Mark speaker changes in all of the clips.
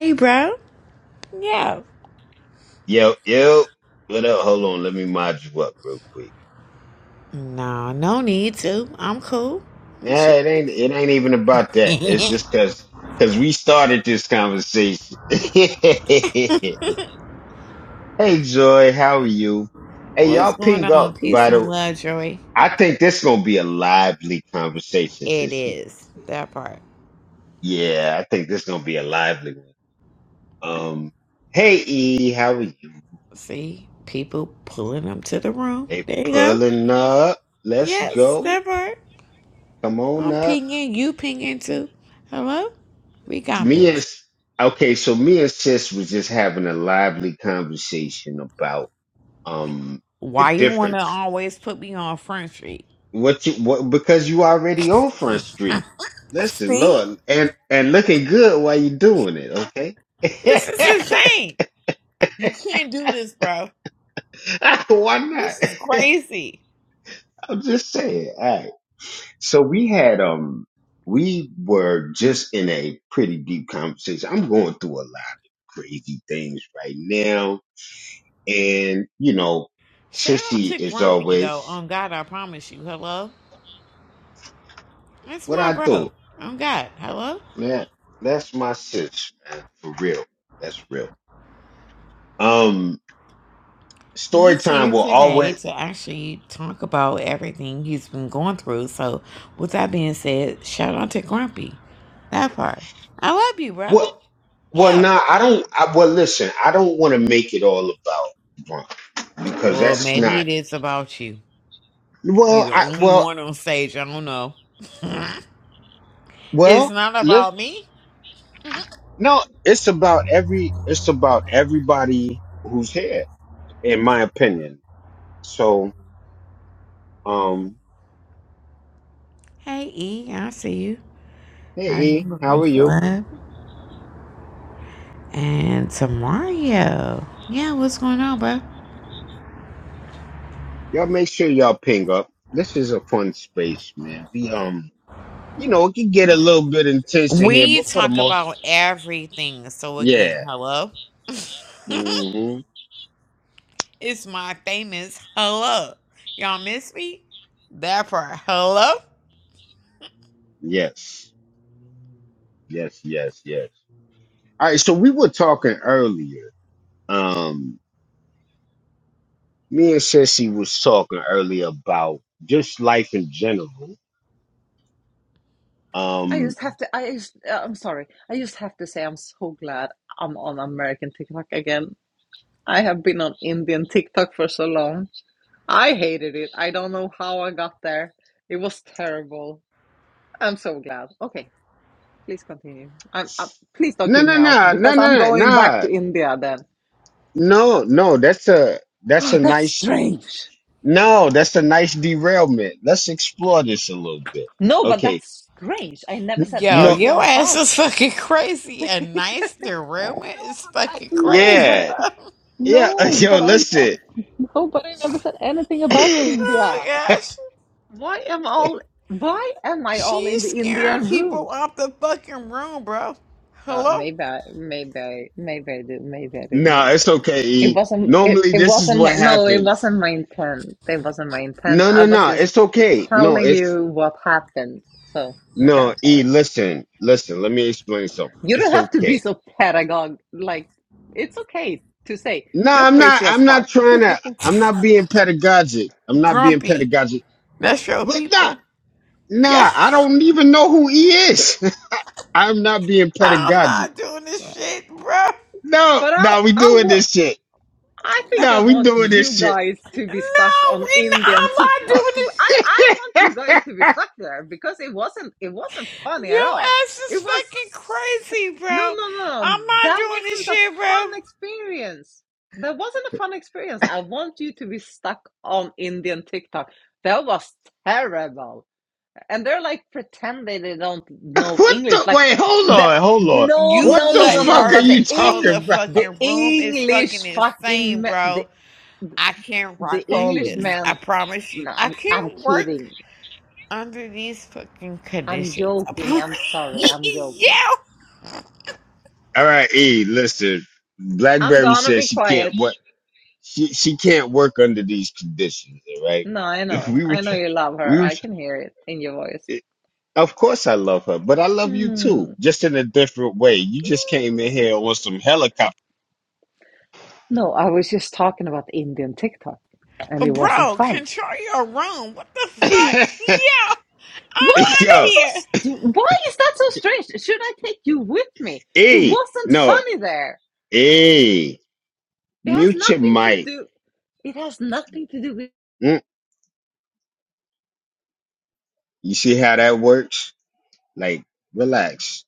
Speaker 1: Hey, bro. Yeah.
Speaker 2: Yo, yo, what up? Hold on, let me mod you up real quick.
Speaker 1: No, no need to. I'm cool. I'm chill.
Speaker 2: Eh, it ain't it ain't even about that. It's just cause cause we started this conversation. hey Joy, how are you? Hey, y'all
Speaker 1: What's going
Speaker 2: ping
Speaker 1: on?
Speaker 2: up
Speaker 1: Peace
Speaker 2: by
Speaker 1: and
Speaker 2: the
Speaker 1: love, Joy.
Speaker 2: I think this gonna be a lively conversation,
Speaker 1: It
Speaker 2: Sissy.
Speaker 1: is that part.
Speaker 2: Yeah, I think this gonna be a lively one. Um hey E, how are you?
Speaker 1: See, people pulling them to the room.
Speaker 2: They
Speaker 1: There you go.
Speaker 2: pulling up. Let's
Speaker 1: Yes,
Speaker 2: go.
Speaker 1: that part.
Speaker 2: Come on
Speaker 1: I'm
Speaker 2: up.
Speaker 1: pinging. You pinging too. Hello. We got
Speaker 2: me and
Speaker 1: this.
Speaker 2: okay, so me and sis was just having a lively conversation about um the
Speaker 1: Why you wanna
Speaker 2: difference.
Speaker 1: always put me on front street?
Speaker 2: What you what because you already on Front Street. Listen,
Speaker 1: See,
Speaker 2: Lord, and and looking good while you doing it, okay?
Speaker 1: this is insane. You can't do this, bro.
Speaker 2: Why
Speaker 1: This is
Speaker 2: not?
Speaker 1: crazy.
Speaker 2: I'm just saying. All right. So we had um we were just in a pretty deep conversation. I'm going through a lot of crazy things right now And, you know,
Speaker 1: Shout out
Speaker 2: sissy
Speaker 1: to
Speaker 2: is
Speaker 1: Grumpy though.
Speaker 2: always
Speaker 1: On God, I promise you. Hello, that's
Speaker 2: what
Speaker 1: my
Speaker 2: I
Speaker 1: bro.
Speaker 2: do.
Speaker 1: On God, hello.
Speaker 2: Man, that's my sis, man. For real. That's real. Um, story
Speaker 1: He's here
Speaker 2: time will
Speaker 1: today
Speaker 2: always
Speaker 1: to actually talk about everything he's been going through. So, with that being said, shout out to Grumpy. That part. I love you, bro.
Speaker 2: what well
Speaker 1: Yeah.
Speaker 2: nah, I don't I well listen, I don't wanna make it all about Bron because
Speaker 1: Well,
Speaker 2: that's
Speaker 1: maybe
Speaker 2: not
Speaker 1: it is about you. You're
Speaker 2: well
Speaker 1: the
Speaker 2: I
Speaker 1: only
Speaker 2: well
Speaker 1: one on stage. I don't know. it's
Speaker 2: well
Speaker 1: not
Speaker 2: let,
Speaker 1: about me.
Speaker 2: no, it's about every it's about everybody who's here, in my opinion. So um
Speaker 1: Hey, E, I see you. I
Speaker 2: hey E,
Speaker 1: remember
Speaker 2: how
Speaker 1: Ring
Speaker 2: are you?
Speaker 1: Club. And to Mario. Yeah, what's going on, bro?
Speaker 2: Y'all make sure y'all ping up. This is a fun space, man. We um, you know, it can get a little bit intense in here,
Speaker 1: We
Speaker 2: but for the
Speaker 1: talk
Speaker 2: most,
Speaker 1: about everything. So again,
Speaker 2: yeah.
Speaker 1: hello.
Speaker 2: hmm
Speaker 1: It's my famous hello. Y'all miss me? That part. Hello?
Speaker 2: Yes, yes, yes, yes. All right. So we were talking earlier. Um, me and Sissy was talking earlier about just life in general.
Speaker 3: I
Speaker 2: Um,
Speaker 3: just have to. I just, uh, I'm sorry. I just have to say I'm so glad I'm on American TikTok again. I have been on Indian TikTok for so long. I hated it. I don't know how I got there. It was terrible. I'm so glad. Okay, please continue. I'm, i please don't
Speaker 2: no,
Speaker 3: keep
Speaker 2: no,
Speaker 3: me out
Speaker 2: no, no,
Speaker 3: because I'm
Speaker 2: no,
Speaker 3: going back
Speaker 2: no,
Speaker 3: to India then.
Speaker 2: no, no. That's a that's
Speaker 3: Oh,
Speaker 2: a
Speaker 3: that's
Speaker 2: nice
Speaker 3: strange.
Speaker 2: no. That's a nice derailment. Let's explore this a little bit.
Speaker 3: No, but
Speaker 2: Okay
Speaker 3: that's strange. I never said
Speaker 1: Yo,
Speaker 2: No,
Speaker 3: anything
Speaker 1: your ass
Speaker 3: about.
Speaker 1: is fucking crazy. And
Speaker 3: I
Speaker 1: nice the rumor is fucking crazy,
Speaker 2: yeah,
Speaker 1: bro.
Speaker 2: yeah. Yo, listen.
Speaker 3: know, but I never said anything about India.
Speaker 1: Oh gosh.
Speaker 3: Why am all why am I all in
Speaker 1: She's
Speaker 3: the
Speaker 1: scaring
Speaker 3: Indian
Speaker 1: people
Speaker 3: rooms?
Speaker 1: off the fucking room, bro.
Speaker 3: Uh,
Speaker 1: Hello?
Speaker 3: maybe I maybe I maybe I do, maybe I do,
Speaker 2: nah,
Speaker 3: maybe I
Speaker 2: it's
Speaker 3: do.
Speaker 2: okay.
Speaker 3: It
Speaker 2: E.
Speaker 3: wasn't it,
Speaker 2: Normally,
Speaker 3: it
Speaker 2: this is
Speaker 3: wasn't
Speaker 2: what
Speaker 3: my no, it
Speaker 2: happens.
Speaker 3: wasn't my intent. It wasn't my intent.
Speaker 2: No,
Speaker 3: I
Speaker 2: no,
Speaker 3: was
Speaker 2: no.
Speaker 3: just
Speaker 2: It's okay. No,
Speaker 3: telling
Speaker 2: it's
Speaker 3: you what happened. So okay,
Speaker 2: no.
Speaker 3: I'm
Speaker 2: E,
Speaker 3: sorry.
Speaker 2: listen, listen. Let me explain something.
Speaker 3: You
Speaker 2: It's
Speaker 3: don't have to be
Speaker 2: okay.
Speaker 3: so pedagog like it's okay to say
Speaker 2: No,
Speaker 3: you're
Speaker 2: I'm not.
Speaker 3: crazy as
Speaker 2: I'm
Speaker 3: fuck.
Speaker 2: not trying to. I'm not being pedagogic. I'm not being
Speaker 1: Grumpy.
Speaker 2: pedagogic.
Speaker 1: That's your
Speaker 2: Look, nah,
Speaker 1: people. Yeah.
Speaker 2: nah. I don't even know who he is. I'm not being
Speaker 1: I'm
Speaker 2: pedagogic.
Speaker 1: not doing this
Speaker 3: No.
Speaker 1: shit, bro.
Speaker 2: No,
Speaker 3: But I
Speaker 2: no. We
Speaker 3: I
Speaker 2: doing
Speaker 3: wa-
Speaker 2: this shit.
Speaker 3: I think I
Speaker 2: No, we
Speaker 3: want
Speaker 2: doing
Speaker 3: you
Speaker 2: this shit.
Speaker 3: guys to
Speaker 1: No,
Speaker 3: be stuck on
Speaker 1: we not,
Speaker 3: Indian
Speaker 1: I'm not
Speaker 3: TikTok.
Speaker 1: doing
Speaker 3: I,
Speaker 1: this.
Speaker 3: I want you guys to be stuck there because it wasn't it wasn't funny at
Speaker 1: Your
Speaker 3: all.
Speaker 1: ass
Speaker 3: It
Speaker 1: is fucking
Speaker 3: was
Speaker 1: crazy,
Speaker 3: no
Speaker 1: bro.
Speaker 3: no no
Speaker 1: I'm
Speaker 3: no
Speaker 1: not
Speaker 3: that
Speaker 1: doing this
Speaker 3: wasn't a
Speaker 1: shit,
Speaker 3: fun
Speaker 1: bro.
Speaker 3: experience. That wasn't a fun experience. I want you to be stuck on Indian TikTok. That was terrible and they're like pretending they don't know
Speaker 2: What
Speaker 3: English.
Speaker 2: the?
Speaker 3: Like
Speaker 2: Wait, hold
Speaker 3: the
Speaker 2: on, hold on.
Speaker 3: no,
Speaker 1: You
Speaker 2: What
Speaker 3: no,
Speaker 2: the
Speaker 3: no,
Speaker 1: let
Speaker 3: no,
Speaker 2: Mm.
Speaker 3: no.
Speaker 2: fuck are
Speaker 1: her
Speaker 3: But the
Speaker 2: you
Speaker 1: control
Speaker 3: Eng,
Speaker 1: the
Speaker 2: talking about?
Speaker 3: the
Speaker 1: fucking room is
Speaker 3: English
Speaker 1: fucking
Speaker 3: fucking
Speaker 1: insane,
Speaker 3: me- the
Speaker 1: bro. I can't
Speaker 3: the
Speaker 1: rock like
Speaker 2: Calling
Speaker 1: this.
Speaker 2: me.
Speaker 1: I
Speaker 3: Englishman.
Speaker 1: promise you.
Speaker 3: No,
Speaker 1: I
Speaker 3: I'm I'm
Speaker 1: can't work
Speaker 3: kidding.
Speaker 1: under these fucking
Speaker 3: I'm
Speaker 1: conditions. I
Speaker 3: joking. I'm sorry.
Speaker 1: promise.
Speaker 3: I'm
Speaker 1: yeah.
Speaker 3: joking.
Speaker 2: All right, E. Listen,
Speaker 3: I'm
Speaker 2: BlackBerry
Speaker 3: gonna
Speaker 2: says
Speaker 3: be
Speaker 2: she can't
Speaker 3: quiet.
Speaker 2: work. She she can't work under these conditions. All right.
Speaker 3: No, I
Speaker 2: If
Speaker 3: know.
Speaker 2: we were,
Speaker 3: I know
Speaker 2: try-
Speaker 3: you love
Speaker 2: we
Speaker 3: her.
Speaker 2: were.
Speaker 3: I
Speaker 2: try-
Speaker 3: can hear it in your voice.
Speaker 2: it- Of course, I love her, but I love you too,
Speaker 3: Hmm.
Speaker 2: just in a different way. You just came in here on some helicopter.
Speaker 3: No, I was just talking about Indian TikTok, and it wasn't
Speaker 1: Bro,
Speaker 3: fun.
Speaker 1: control your room. What the fuck? Yeah.
Speaker 3: Why
Speaker 1: I'm out
Speaker 3: is that
Speaker 1: of
Speaker 2: Yo,
Speaker 3: so?
Speaker 1: here.
Speaker 3: St- why is that so strange? Should I take you with me? It
Speaker 2: E.
Speaker 3: wasn't
Speaker 2: No,
Speaker 3: funny there.
Speaker 2: E.
Speaker 3: It has
Speaker 2: Mute your
Speaker 3: nothing to
Speaker 2: mic.
Speaker 3: do. It has nothing to do with.
Speaker 2: Mm. You see how that works? Like, relax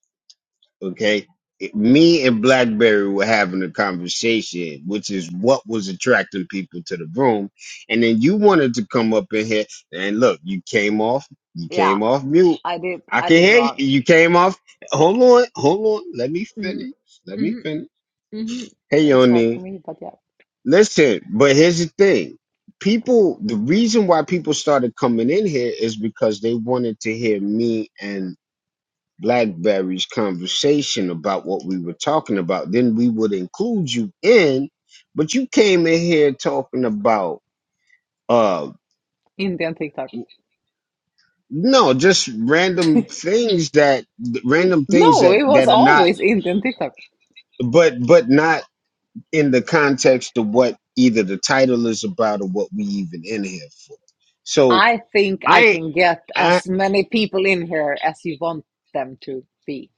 Speaker 2: okay It- me and blackberry were having a conversation which is what was attracting people to the room and then you wanted to come up in here and look you came off you
Speaker 3: Yeah,
Speaker 2: came off mute
Speaker 3: I did.
Speaker 2: i
Speaker 3: I
Speaker 2: can
Speaker 3: did
Speaker 2: hear you
Speaker 3: wrong.
Speaker 2: you came off hold on hold on let me
Speaker 3: Mm-hmm,
Speaker 2: finish let me finish
Speaker 3: hmm
Speaker 2: hey
Speaker 3: It's hard for
Speaker 2: yoni
Speaker 3: me, but yeah,
Speaker 2: listen but here's the thing people the reason why people started coming in here is because they wanted to hear me Blackberry's conversation about what we were talking about, then we would include you in. But you came in here talking about uh
Speaker 3: Indian TikTok.
Speaker 2: no, just random things that
Speaker 3: N-
Speaker 2: random things
Speaker 3: no,
Speaker 2: that
Speaker 3: it was
Speaker 2: that are not
Speaker 3: always Indian TikTok.
Speaker 2: but but not in the context of what either the title is about or what we even in here for. So
Speaker 3: I think I
Speaker 2: I
Speaker 3: can get
Speaker 2: I
Speaker 3: as many people in here as you want them to be.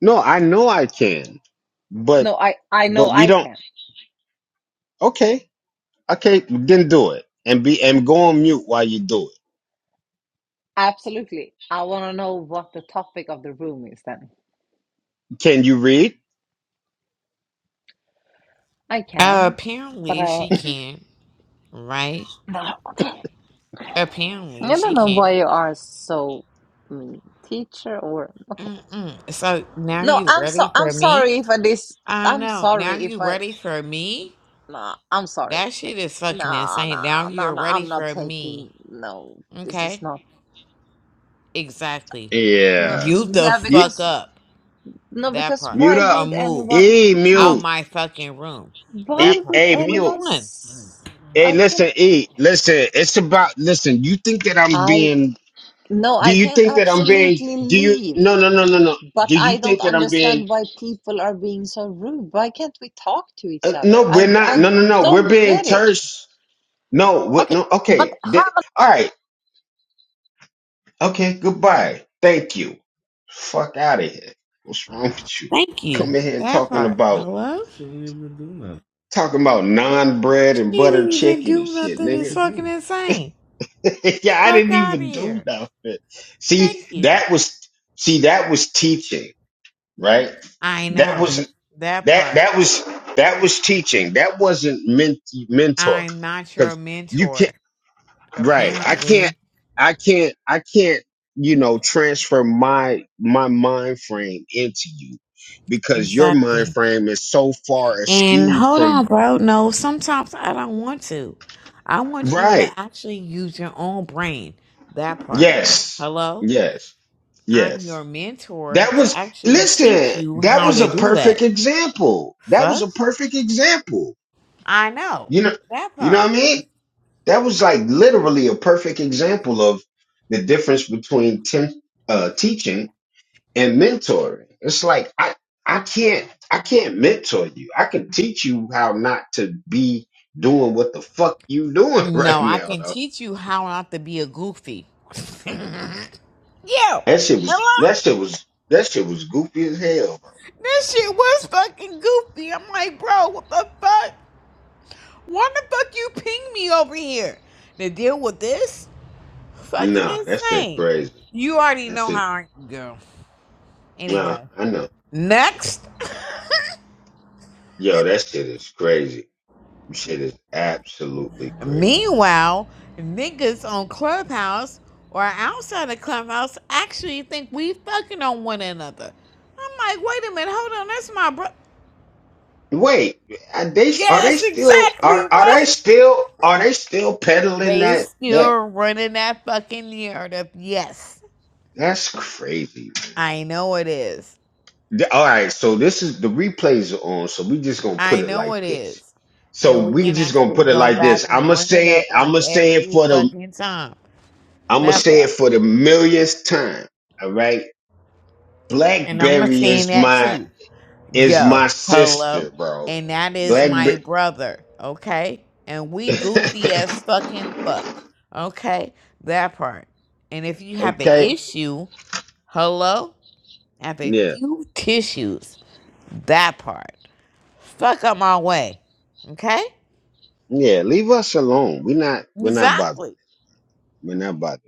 Speaker 2: no, I know I can, but
Speaker 3: No, I I know
Speaker 2: but we
Speaker 3: I
Speaker 2: don't
Speaker 3: can.
Speaker 2: okay. Okay, then do it and be and go on mute while you do it.
Speaker 3: Absolutely. I want to know what the topic of the room is then.
Speaker 2: Can you read?
Speaker 3: I
Speaker 1: Uh,
Speaker 3: can, but
Speaker 1: apparently
Speaker 3: I,
Speaker 1: she can, right?
Speaker 3: I
Speaker 1: Apparently she
Speaker 3: don't know why
Speaker 1: can.
Speaker 3: you are so mean, teacher or okay.
Speaker 1: Mm-mm. So now
Speaker 3: No,
Speaker 1: you
Speaker 3: I'm so
Speaker 1: ready
Speaker 3: I'm
Speaker 1: for me?
Speaker 3: sorry if I this.
Speaker 1: I
Speaker 3: I'm
Speaker 1: know. Now
Speaker 3: sorry
Speaker 1: you
Speaker 3: if I.
Speaker 1: ready for me?
Speaker 3: Nah, I'm sorry.
Speaker 1: That shit is fucking
Speaker 3: No,
Speaker 1: insane. Now
Speaker 3: no, no,
Speaker 1: you're
Speaker 3: no.
Speaker 1: ready
Speaker 3: I'm not
Speaker 1: for
Speaker 3: taking.
Speaker 1: me.
Speaker 3: No, this is
Speaker 1: Okay?
Speaker 3: not.
Speaker 1: Exactly.
Speaker 2: Yeah.
Speaker 3: No,
Speaker 1: You the
Speaker 3: yeah,
Speaker 2: Ye-
Speaker 1: fuck
Speaker 3: because
Speaker 1: up.
Speaker 3: no,
Speaker 1: That
Speaker 3: because
Speaker 1: part.
Speaker 2: mute
Speaker 3: why
Speaker 2: up.
Speaker 1: Or
Speaker 3: would
Speaker 1: move
Speaker 3: anyone?
Speaker 2: E
Speaker 1: out
Speaker 3: No,
Speaker 2: mute.
Speaker 1: my fucking room.
Speaker 2: E
Speaker 3: why
Speaker 1: That part.
Speaker 3: would
Speaker 2: a
Speaker 1: Which
Speaker 2: mute.
Speaker 3: anyone?
Speaker 1: one?
Speaker 3: s-
Speaker 2: Hey,
Speaker 3: I can.
Speaker 2: listen, E, listen, it's about listen, you think that I'm
Speaker 3: I.
Speaker 2: being
Speaker 3: No, I
Speaker 2: do you
Speaker 3: can
Speaker 2: think that I'm being
Speaker 3: absolutely
Speaker 2: do you
Speaker 3: leave.
Speaker 2: no no no no
Speaker 3: Um,
Speaker 2: no.
Speaker 3: But
Speaker 2: Do you
Speaker 3: I don't
Speaker 2: think that I'm being
Speaker 3: understand why people are being so rude. Why can't we talk to each
Speaker 2: uh,
Speaker 3: other?
Speaker 2: no,
Speaker 3: I,
Speaker 2: we're not.
Speaker 3: I
Speaker 2: No, no, no. We're
Speaker 3: don't
Speaker 2: being
Speaker 3: get it.
Speaker 2: terse. No, we,
Speaker 3: Okay,
Speaker 2: no.
Speaker 3: but
Speaker 2: Okay.
Speaker 3: how
Speaker 2: Th- all right. Okay, goodbye. Thank you. Fuck out of here. What's wrong with you?
Speaker 1: Thank you.
Speaker 2: Come in here
Speaker 1: That
Speaker 2: talking
Speaker 1: part.
Speaker 2: about
Speaker 1: Hello? She didn't even do nothing.
Speaker 2: talking about non bread and
Speaker 1: She
Speaker 2: butter
Speaker 1: didn't even
Speaker 2: chicken and
Speaker 1: do
Speaker 2: shit,
Speaker 1: nothing. What It's she
Speaker 2: nigga.
Speaker 1: fucking do? insane.
Speaker 2: yeah, I
Speaker 1: Fuck
Speaker 2: didn't
Speaker 1: out of
Speaker 2: even do
Speaker 1: here.
Speaker 2: nothing. See,
Speaker 1: Thank you.
Speaker 2: that was see that was teaching, right?
Speaker 1: I
Speaker 2: That
Speaker 1: know
Speaker 2: was
Speaker 1: that
Speaker 2: that
Speaker 1: part.
Speaker 2: that was that was teaching. That wasn't ment- mentor
Speaker 1: I'm not your
Speaker 2: because you can not
Speaker 1: mentor,
Speaker 2: Right. I can't
Speaker 1: apparently.
Speaker 2: I can't I can't, you know, transfer my my mind frame into you because your mind
Speaker 1: Exactly.
Speaker 2: frame is so far
Speaker 1: And
Speaker 2: askew
Speaker 1: hold
Speaker 2: from
Speaker 1: on, bro. No, sometimes I don't want to. I want you to
Speaker 2: Right.
Speaker 1: actually use your own brain. That part.
Speaker 2: Yes.
Speaker 1: Hello?
Speaker 2: Yes.
Speaker 1: I'm
Speaker 2: Yes.
Speaker 1: your mentor
Speaker 2: That
Speaker 1: to
Speaker 2: was
Speaker 1: actually teach
Speaker 2: listen,
Speaker 1: you
Speaker 2: that
Speaker 1: how
Speaker 2: was
Speaker 1: to
Speaker 2: a
Speaker 1: do that.
Speaker 2: perfect example. That was
Speaker 1: Fuck?
Speaker 2: a perfect example.
Speaker 1: I know.
Speaker 2: You know
Speaker 1: That
Speaker 2: you know what I
Speaker 1: part.
Speaker 2: mean? That was like literally a perfect example of the difference between tem- uh, teaching and mentoring. It's like I I can't I can't mentor you. I can teach you how not to be doing what the fuck you doing right
Speaker 1: No, I
Speaker 2: now
Speaker 1: can
Speaker 2: though.
Speaker 1: teach you how not to be a goofy. Yo,
Speaker 2: That shit was
Speaker 1: hello?
Speaker 2: that shit was that shit was goofy as hell, bro.
Speaker 1: This shit was fucking goofy. I'm like, bro, what the fuck? Why the fuck you ping me over here to deal with this? Fucking
Speaker 2: Nah, that shit
Speaker 1: insane.
Speaker 2: crazy.
Speaker 1: You already
Speaker 2: That
Speaker 1: know
Speaker 2: shit
Speaker 1: how I go.
Speaker 2: nah,
Speaker 1: Anyway,
Speaker 2: I know.
Speaker 1: next.
Speaker 2: Yo, that shit is crazy. Shit is absolutely crazy.
Speaker 1: Meanwhile, niggas on Clubhouse or outside of Clubhouse actually think we fucking on one another. I'm like, wait a minute, hold on, that's my bro.
Speaker 2: Wait, are they are they
Speaker 1: Yes,
Speaker 2: still
Speaker 1: exactly,
Speaker 2: are
Speaker 1: bro.
Speaker 2: are they still are they still peddling
Speaker 1: They
Speaker 2: that that
Speaker 1: still running that fucking narrative. Yes,
Speaker 2: that's crazy,
Speaker 1: I know it is.
Speaker 2: Th- All right, so this is the replays are on, so we just gonna put
Speaker 1: I
Speaker 2: it
Speaker 1: know
Speaker 2: like
Speaker 1: it
Speaker 2: this.
Speaker 1: is.
Speaker 2: So
Speaker 1: And we
Speaker 2: we
Speaker 1: can
Speaker 2: just gonna
Speaker 1: actually
Speaker 2: put it
Speaker 1: go
Speaker 2: like
Speaker 1: back
Speaker 2: this.
Speaker 1: and
Speaker 2: I'ma
Speaker 1: run it
Speaker 2: say it,
Speaker 1: up like
Speaker 2: I'ma say
Speaker 1: every
Speaker 2: it for the
Speaker 1: fucking time.
Speaker 2: I'ma
Speaker 1: That
Speaker 2: say it
Speaker 1: part.
Speaker 2: for the millionth time. All right.
Speaker 1: And I'm
Speaker 2: Blackberry
Speaker 1: seeing
Speaker 2: is
Speaker 1: that
Speaker 2: my
Speaker 1: too.
Speaker 2: is
Speaker 1: Yo,
Speaker 2: my
Speaker 1: hello.
Speaker 2: sister, bro.
Speaker 1: And that is my
Speaker 2: Blackberry
Speaker 1: brother, okay? And we goofy as fucking fuck, okay? That part. And if you have an
Speaker 2: Okay.
Speaker 1: issue, hello? Have a
Speaker 2: Yeah.
Speaker 1: few tissues. That part. Fuck up my way. Okay?
Speaker 2: Yeah. Leave us alone. We're not we're not bothering.
Speaker 1: Exactly.
Speaker 2: We're not bothering.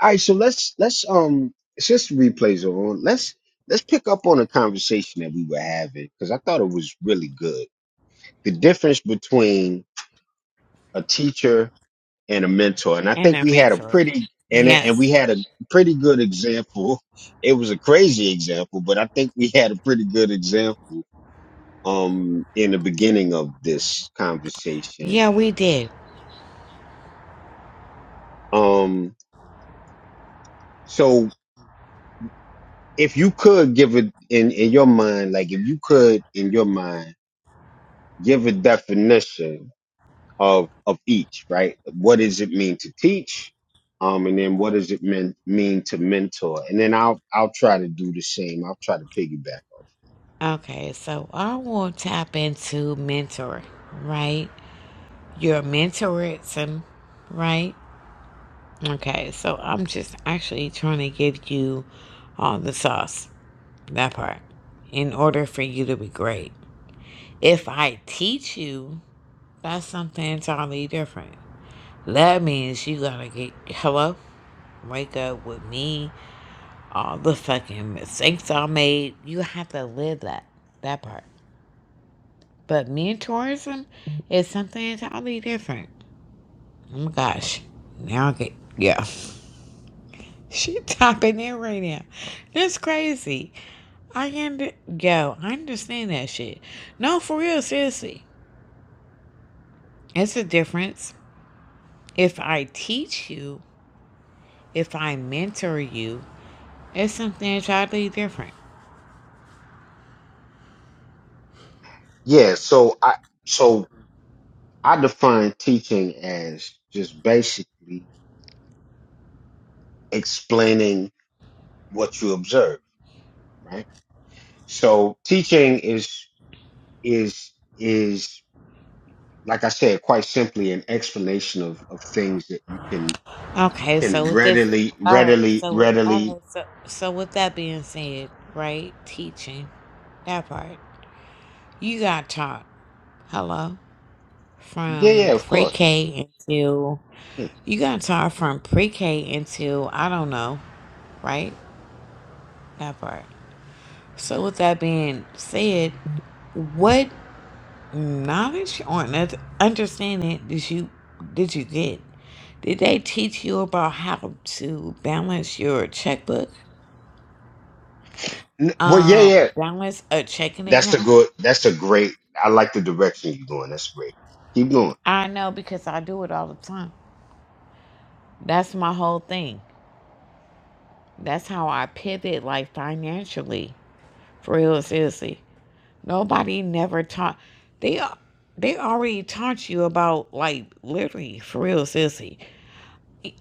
Speaker 2: All right, so let's let's um since the replays are on, let's let's pick up on a conversation that we were having because I thought it was really good. The difference between a teacher and a mentor, and I
Speaker 1: And
Speaker 2: think
Speaker 1: our
Speaker 2: we had a
Speaker 1: mentor.
Speaker 2: pretty and and
Speaker 1: Yes.
Speaker 2: we had a pretty good example. It was a crazy example, but I think we had a pretty good example um in the beginning of this conversation.
Speaker 1: Yeah, we did.
Speaker 2: Um, so if you could give it in in your mind, like if you could in your mind give a definition of of each, right? What does it mean to teach? Um, and then what does it mean mean to mentor? And then I'll I'll try to do the same. I'll try to piggyback.
Speaker 1: Okay, so I will tap into mentor, right? Your mentorism, right? Okay, so I'm just actually trying to give you all the sauce, that part, in order for you to be great. If I teach you, that's something entirely different. That means you gotta get hello, wake up with me, all the fucking mistakes I made. You have to live that that part. But mentorism is something entirely different. Oh my gosh. Now I get yeah. She topping in right now. That's crazy. I can d- yo, I understand that shit. No, for real, seriously. It's a difference. If I teach you, if I mentor you, it's something entirely different.
Speaker 2: Yeah, so I so I define teaching as just basically explaining what you observe, right? So teaching is is is like I said, quite simply an explanation of, of things that you can
Speaker 1: Okay, so
Speaker 2: can
Speaker 1: with this,
Speaker 2: readily
Speaker 1: all right,
Speaker 2: readily
Speaker 1: so with all
Speaker 2: readily
Speaker 1: right, so so with that being said, right, teaching that part, you got taught. Hello,
Speaker 2: Yeah, yeah,
Speaker 1: from
Speaker 2: of course.
Speaker 1: pre-K until
Speaker 2: Mm.
Speaker 1: you got taught from pre-K until I don't know, right? That part. So with that being said, what knowledge or un- understanding did you did you get? Did they teach you about how to balance your checkbook?
Speaker 2: N- Well, yeah,
Speaker 1: um
Speaker 2: yeah.
Speaker 1: balance a checking
Speaker 2: That's the
Speaker 1: account
Speaker 2: good. That's a great. I like the direction you're going. That's great. Keep going.
Speaker 1: i know because i do it all the time that's my whole thing that's how i pivot like financially for real seriously nobody never taught they a- they already taught you about like literally for real seriously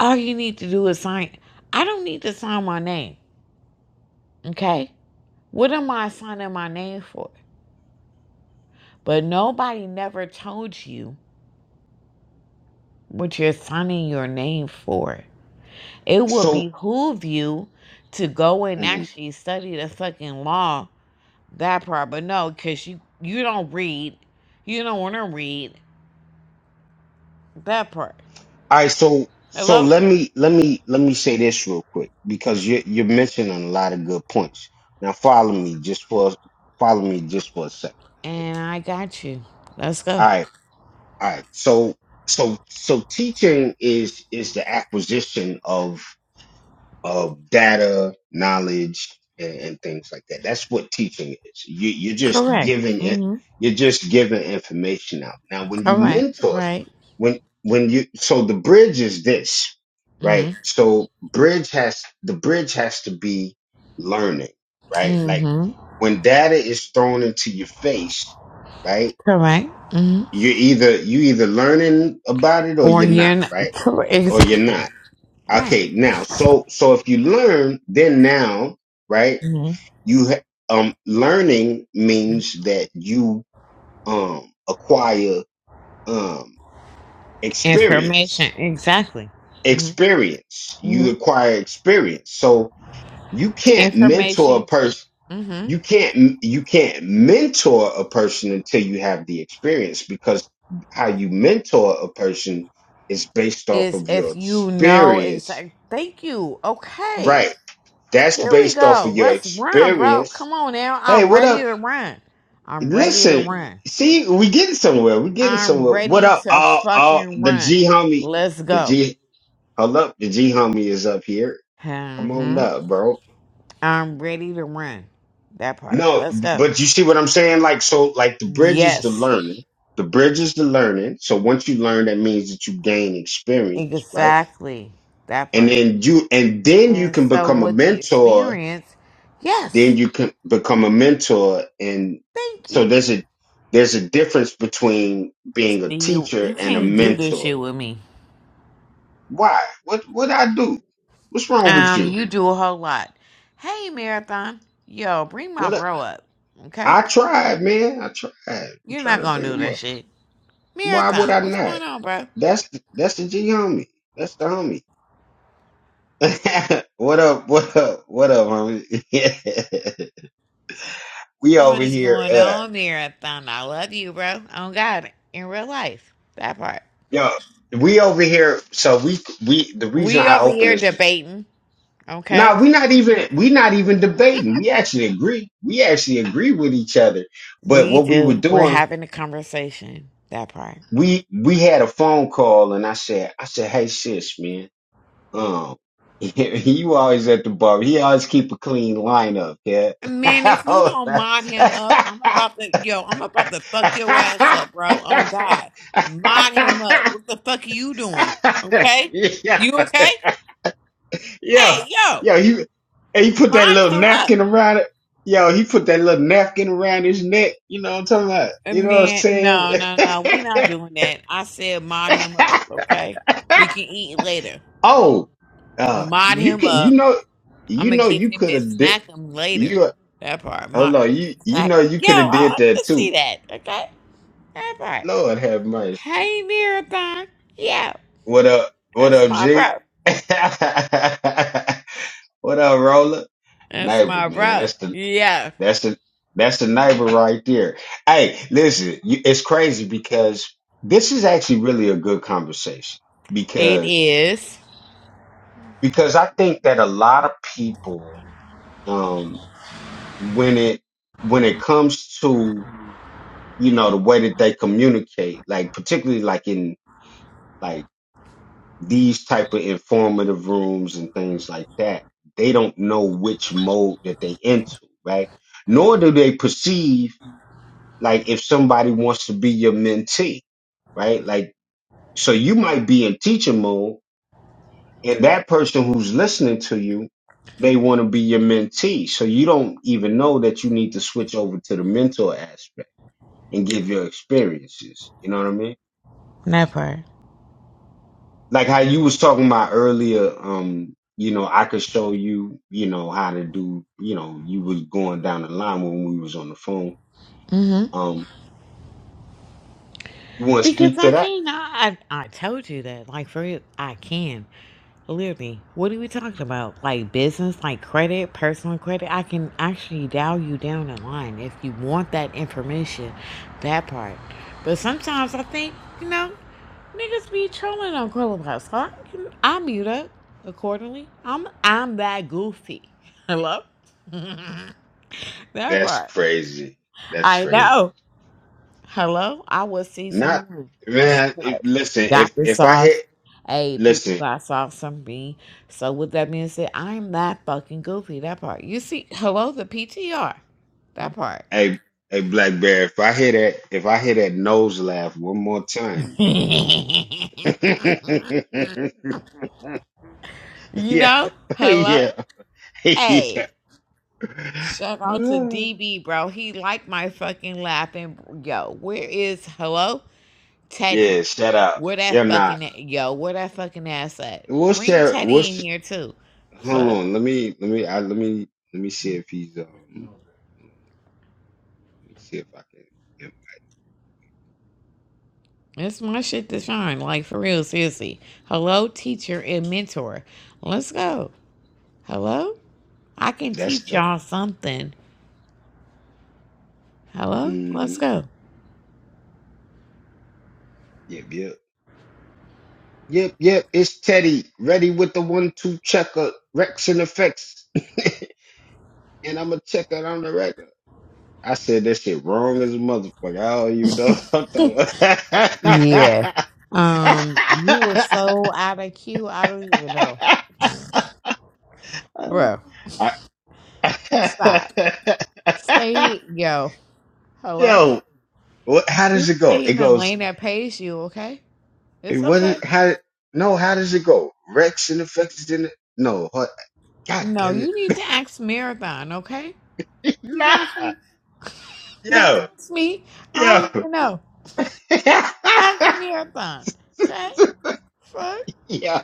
Speaker 1: all you need to do is sign i don't need to sign my name okay what am i signing my name for but nobody never told you what you're signing your name for It would
Speaker 2: So,
Speaker 1: behoove you to go and
Speaker 2: mhm.
Speaker 1: actually study the fucking law, that part. But no, because you, you don't read. You don't want to read that part.
Speaker 2: All right. So, so
Speaker 1: Hello?
Speaker 2: let me let me let me say this real quick because you're you're mentioning a lot of good points. Now, follow me just for follow me just for a second.
Speaker 1: And I got you. Let's
Speaker 2: All
Speaker 1: go.
Speaker 2: right. All right. So, so, so teaching is is the acquisition of of data, knowledge, and, and things like that. That's what teaching is. You, you're just
Speaker 1: Correct.
Speaker 2: giving it.
Speaker 1: hmm
Speaker 2: You're just giving information out. Now, when you
Speaker 1: Correct.
Speaker 2: mentors,
Speaker 1: Right.
Speaker 2: when when you so the bridge is this,
Speaker 1: hmm
Speaker 2: right? So bridge has the bridge has to be learning, right? Like
Speaker 1: hmm
Speaker 2: when data is thrown into your face, right?
Speaker 1: Correct. hmm
Speaker 2: You either you either learning about it or
Speaker 1: Or
Speaker 2: you're not,
Speaker 1: you're not.
Speaker 2: right?
Speaker 1: Correct.
Speaker 2: Or you're
Speaker 1: Exactly.
Speaker 2: not
Speaker 1: Right.
Speaker 2: Okay, now, so so if you learn, then now, right?
Speaker 1: hmm
Speaker 2: You ha- um learning means that you um acquire um
Speaker 1: Information.
Speaker 2: experience.
Speaker 1: Exactly. hmm
Speaker 2: Experience.
Speaker 1: hmm
Speaker 2: You acquire experience. So you can't mentor a
Speaker 1: Information.
Speaker 2: person.
Speaker 1: Mm.
Speaker 2: You can't you can't mentor a person until you have the experience because how you mentor a person is based off
Speaker 1: is
Speaker 2: of your
Speaker 1: if you know
Speaker 2: experience
Speaker 1: exactly. Thank you. Okay.
Speaker 2: Right. That's
Speaker 1: There we
Speaker 2: based off
Speaker 1: go.
Speaker 2: of your
Speaker 1: Let's run, bro.
Speaker 2: experience.
Speaker 1: Come on now.
Speaker 2: Hey,
Speaker 1: I'm
Speaker 2: what
Speaker 1: ready
Speaker 2: up?
Speaker 1: to run. I'm ready to
Speaker 2: Listen,
Speaker 1: run.
Speaker 2: see, we getting somewhere. We getting
Speaker 1: I'm
Speaker 2: somewhere. What
Speaker 1: ready
Speaker 2: up?
Speaker 1: to
Speaker 2: All, all
Speaker 1: fucking
Speaker 2: the
Speaker 1: run.
Speaker 2: G homie,
Speaker 1: Let's
Speaker 2: the
Speaker 1: go.
Speaker 2: G, hold up, the G homie is up here. Come on
Speaker 1: hmm
Speaker 2: up, bro.
Speaker 1: I'm ready to run. That part.
Speaker 2: No,
Speaker 1: Let's go.
Speaker 2: but you see what I'm saying? Like, so, like, the bridge is the
Speaker 1: Yes.
Speaker 2: learning. The bridge is the learning. So once you learn, that means that you gain experience, right?
Speaker 1: Exactly. That
Speaker 2: And
Speaker 1: part.
Speaker 2: then you, and then you
Speaker 1: And
Speaker 2: can
Speaker 1: so
Speaker 2: become a
Speaker 1: with the
Speaker 2: mentor
Speaker 1: experience,
Speaker 2: then
Speaker 1: yes.
Speaker 2: you can become a mentor and
Speaker 1: Thank
Speaker 2: so
Speaker 1: you.
Speaker 2: there's a there's a difference between being a
Speaker 1: Then You
Speaker 2: teacher
Speaker 1: you
Speaker 2: and a
Speaker 1: can't do this
Speaker 2: mentor
Speaker 1: shit with me.
Speaker 2: why what what i do what's wrong with
Speaker 1: Um,
Speaker 2: you
Speaker 1: you do a whole lot. Hey, Marathon, yo, bring my
Speaker 2: what
Speaker 1: bro up, okay?
Speaker 2: I, I tried man i tried i'm
Speaker 1: You're not
Speaker 2: trying to
Speaker 1: gonna
Speaker 2: bring
Speaker 1: do
Speaker 2: them
Speaker 1: that
Speaker 2: up
Speaker 1: shit.
Speaker 2: why would
Speaker 1: Marathon,
Speaker 2: i
Speaker 1: what's going
Speaker 2: not
Speaker 1: on, bro?
Speaker 2: that's the, that's the g homie that's the homie what up what up what up homie Yeah. we over
Speaker 1: What's
Speaker 2: here
Speaker 1: going
Speaker 2: uh
Speaker 1: on, Marathon? I love you, bro. Oh God, in real life, that part.
Speaker 2: yo we over here so we we the reason
Speaker 1: We
Speaker 2: i
Speaker 1: over
Speaker 2: open
Speaker 1: here
Speaker 2: this
Speaker 1: debating, okay?
Speaker 2: Now we're not even we're not even debating. We actually agree. We actually agree with each other. But
Speaker 1: We
Speaker 2: what we were
Speaker 1: do. We're
Speaker 2: doing,
Speaker 1: having a conversation. That part.
Speaker 2: we we had a phone call, and I said, I said, hey sis, man, um, you always at the bar. He always keep a clean lineup, yeah.
Speaker 1: Man, if you don't mod him up, I'm about to yo, I'm about to fuck your ass up, bro. Oh God. Mod him up. What the fuck are you doing? Okay? You
Speaker 2: yeah.
Speaker 1: okay?
Speaker 2: Yeah,
Speaker 1: Hey, yo,
Speaker 2: yeah, he and he put that
Speaker 1: mod
Speaker 2: little
Speaker 1: him up.
Speaker 2: napkin around it. Yo, he put that little napkin around his neck. You know what I'm talking about? You
Speaker 1: And
Speaker 2: know what I'm
Speaker 1: man,
Speaker 2: saying?
Speaker 1: no, no, no. we not doing that. I said mod him up, okay? You can eat later.
Speaker 2: oh, uh,
Speaker 1: Mod
Speaker 2: you
Speaker 1: him
Speaker 2: can, you
Speaker 1: up.
Speaker 2: know, you
Speaker 1: I'ma
Speaker 2: know,
Speaker 1: give
Speaker 2: you
Speaker 1: him
Speaker 2: could
Speaker 1: it,
Speaker 2: have did
Speaker 1: snack him later.
Speaker 2: you.
Speaker 1: That part.
Speaker 2: Hold
Speaker 1: Mod
Speaker 2: on, you you
Speaker 1: exact
Speaker 2: know you
Speaker 1: yo,
Speaker 2: could
Speaker 1: I
Speaker 2: have did
Speaker 1: want
Speaker 2: that
Speaker 1: to see
Speaker 2: too.
Speaker 1: that, okay? That part.
Speaker 2: Lord have mercy.
Speaker 1: Hey marathon. Yeah.
Speaker 2: What up? What
Speaker 1: That's
Speaker 2: up,
Speaker 1: my
Speaker 2: G?
Speaker 1: bro.
Speaker 2: what up, Roller?
Speaker 1: That's
Speaker 2: Neighbor,
Speaker 1: my
Speaker 2: man.
Speaker 1: bro.
Speaker 2: That's the
Speaker 1: Yeah,
Speaker 2: That's the that's the neighbor right there. Hey, listen, you, it's crazy because this is actually really a good conversation
Speaker 1: it
Speaker 2: because
Speaker 1: is.
Speaker 2: because I think that a lot of people um when it when it comes to you know the way that they communicate, like particularly like in like these type of informative rooms and things like that, they don't know which mode that they into, right? Nor do they perceive Like if somebody wants to be your mentee, right? Like, so you might be in teacher mode and that person who's listening to you, they want to be your mentee. So you don't even know that you need to switch over to the mentor aspect and give your experiences. You know what I mean?
Speaker 1: That part.
Speaker 2: Like how you was talking about earlier, um, you know, I could show you, you know, how to do, you know, you was going down the line when we was on the phone.
Speaker 1: hmm
Speaker 2: Um, you want to
Speaker 1: Because
Speaker 2: speak to
Speaker 1: I
Speaker 2: that?
Speaker 1: can. I, I I told you that. Like for real, I can. Literally, what are we talking about? Like business, like credit, personal credit. I can actually dial you down the line if you want that information, that part. But sometimes I think, you know. Niggas be trolling on Clubhouse. Huh? I mute up accordingly. I'm I'm that goofy. Hello? that
Speaker 2: That's
Speaker 1: part.
Speaker 2: crazy. That's
Speaker 1: I
Speaker 2: crazy.
Speaker 1: know. Hello? I was season
Speaker 2: Not
Speaker 1: one. That
Speaker 2: man. If,
Speaker 1: part.
Speaker 2: listen,
Speaker 1: Got
Speaker 2: if
Speaker 1: this
Speaker 2: if I
Speaker 1: off.
Speaker 2: hit,
Speaker 1: Hey, people
Speaker 2: listen,
Speaker 1: got sauce on me. So with that being said, I'm that fucking goofy. That part. You see, hello, the PTR. That part.
Speaker 2: hey, hey, Black Bear. If I hear that, if I hear that nose laugh one more time,
Speaker 1: you
Speaker 2: yeah,
Speaker 1: know? Hello?
Speaker 2: yeah,
Speaker 1: Hey.
Speaker 2: yeah,
Speaker 1: Shout out to DB, bro. He liked my fucking laughing. Yo, where is hello
Speaker 2: yeah.
Speaker 1: Teddy?
Speaker 2: Shout out.
Speaker 1: Where
Speaker 2: You're
Speaker 1: that fucking
Speaker 2: not.
Speaker 1: yo? Where that fucking ass at?
Speaker 2: We'll
Speaker 1: Bring
Speaker 2: share. We'll.
Speaker 1: Teddy in
Speaker 2: Sh-
Speaker 1: here too.
Speaker 2: hold
Speaker 1: Fuck,
Speaker 2: on. Let me. Let me. I, let me. Let me see if he's. Um. Let me see if I can. Yep.
Speaker 1: it's my shit to shine. Like for real, seriously. Hello, teacher and mentor. Let's go. Hello, I can
Speaker 2: That's
Speaker 1: teach
Speaker 2: dope.
Speaker 1: y'all something. Hello,
Speaker 2: Mm-hmm.
Speaker 1: let's go.
Speaker 2: Yep. Yep. Yep, yep, it's Teddy. Ready with the one two checker, Rex and effects. and I'm going to check it on the record. I said that shit wrong as a motherfucker. I don't even know what I'm talking about.
Speaker 1: Yeah. Um,
Speaker 2: I-
Speaker 1: you were so out of cue. I don't even know, bro. Stop. Stay, yo, hello.
Speaker 2: Yo, what, how
Speaker 1: Just
Speaker 2: does it go?
Speaker 1: stay
Speaker 2: It
Speaker 1: in the
Speaker 2: goes,
Speaker 1: lane that pays you, okay?
Speaker 2: it
Speaker 1: It's okay.
Speaker 2: wasn't, how, no, how does it go? Rex and effects didn't, no, hold- god
Speaker 1: No,
Speaker 2: damn it.
Speaker 1: you need to ask Marathon, okay? You
Speaker 2: nah,
Speaker 1: got you. Don't
Speaker 2: yo,
Speaker 1: ask me. I
Speaker 2: yo.
Speaker 1: don't even know. Ask Marathon, okay? Fuck,
Speaker 2: yeah,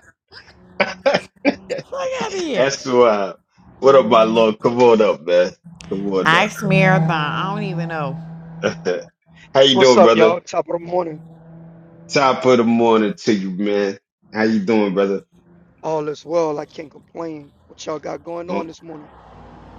Speaker 1: fuck out of
Speaker 2: that's
Speaker 1: here.
Speaker 2: wild. What up, my lord? Come on up, man. Come on up,
Speaker 1: Ask
Speaker 2: bro.
Speaker 1: Marathon. I don't even know.
Speaker 2: How you
Speaker 4: What's
Speaker 2: doing,
Speaker 4: up,
Speaker 2: brother?
Speaker 4: y'all? Top of the morning.
Speaker 2: Top of the morning to you, man. How you doing, brother?
Speaker 4: All is well. I can't complain. What y'all got going
Speaker 2: Oh,
Speaker 4: on this morning?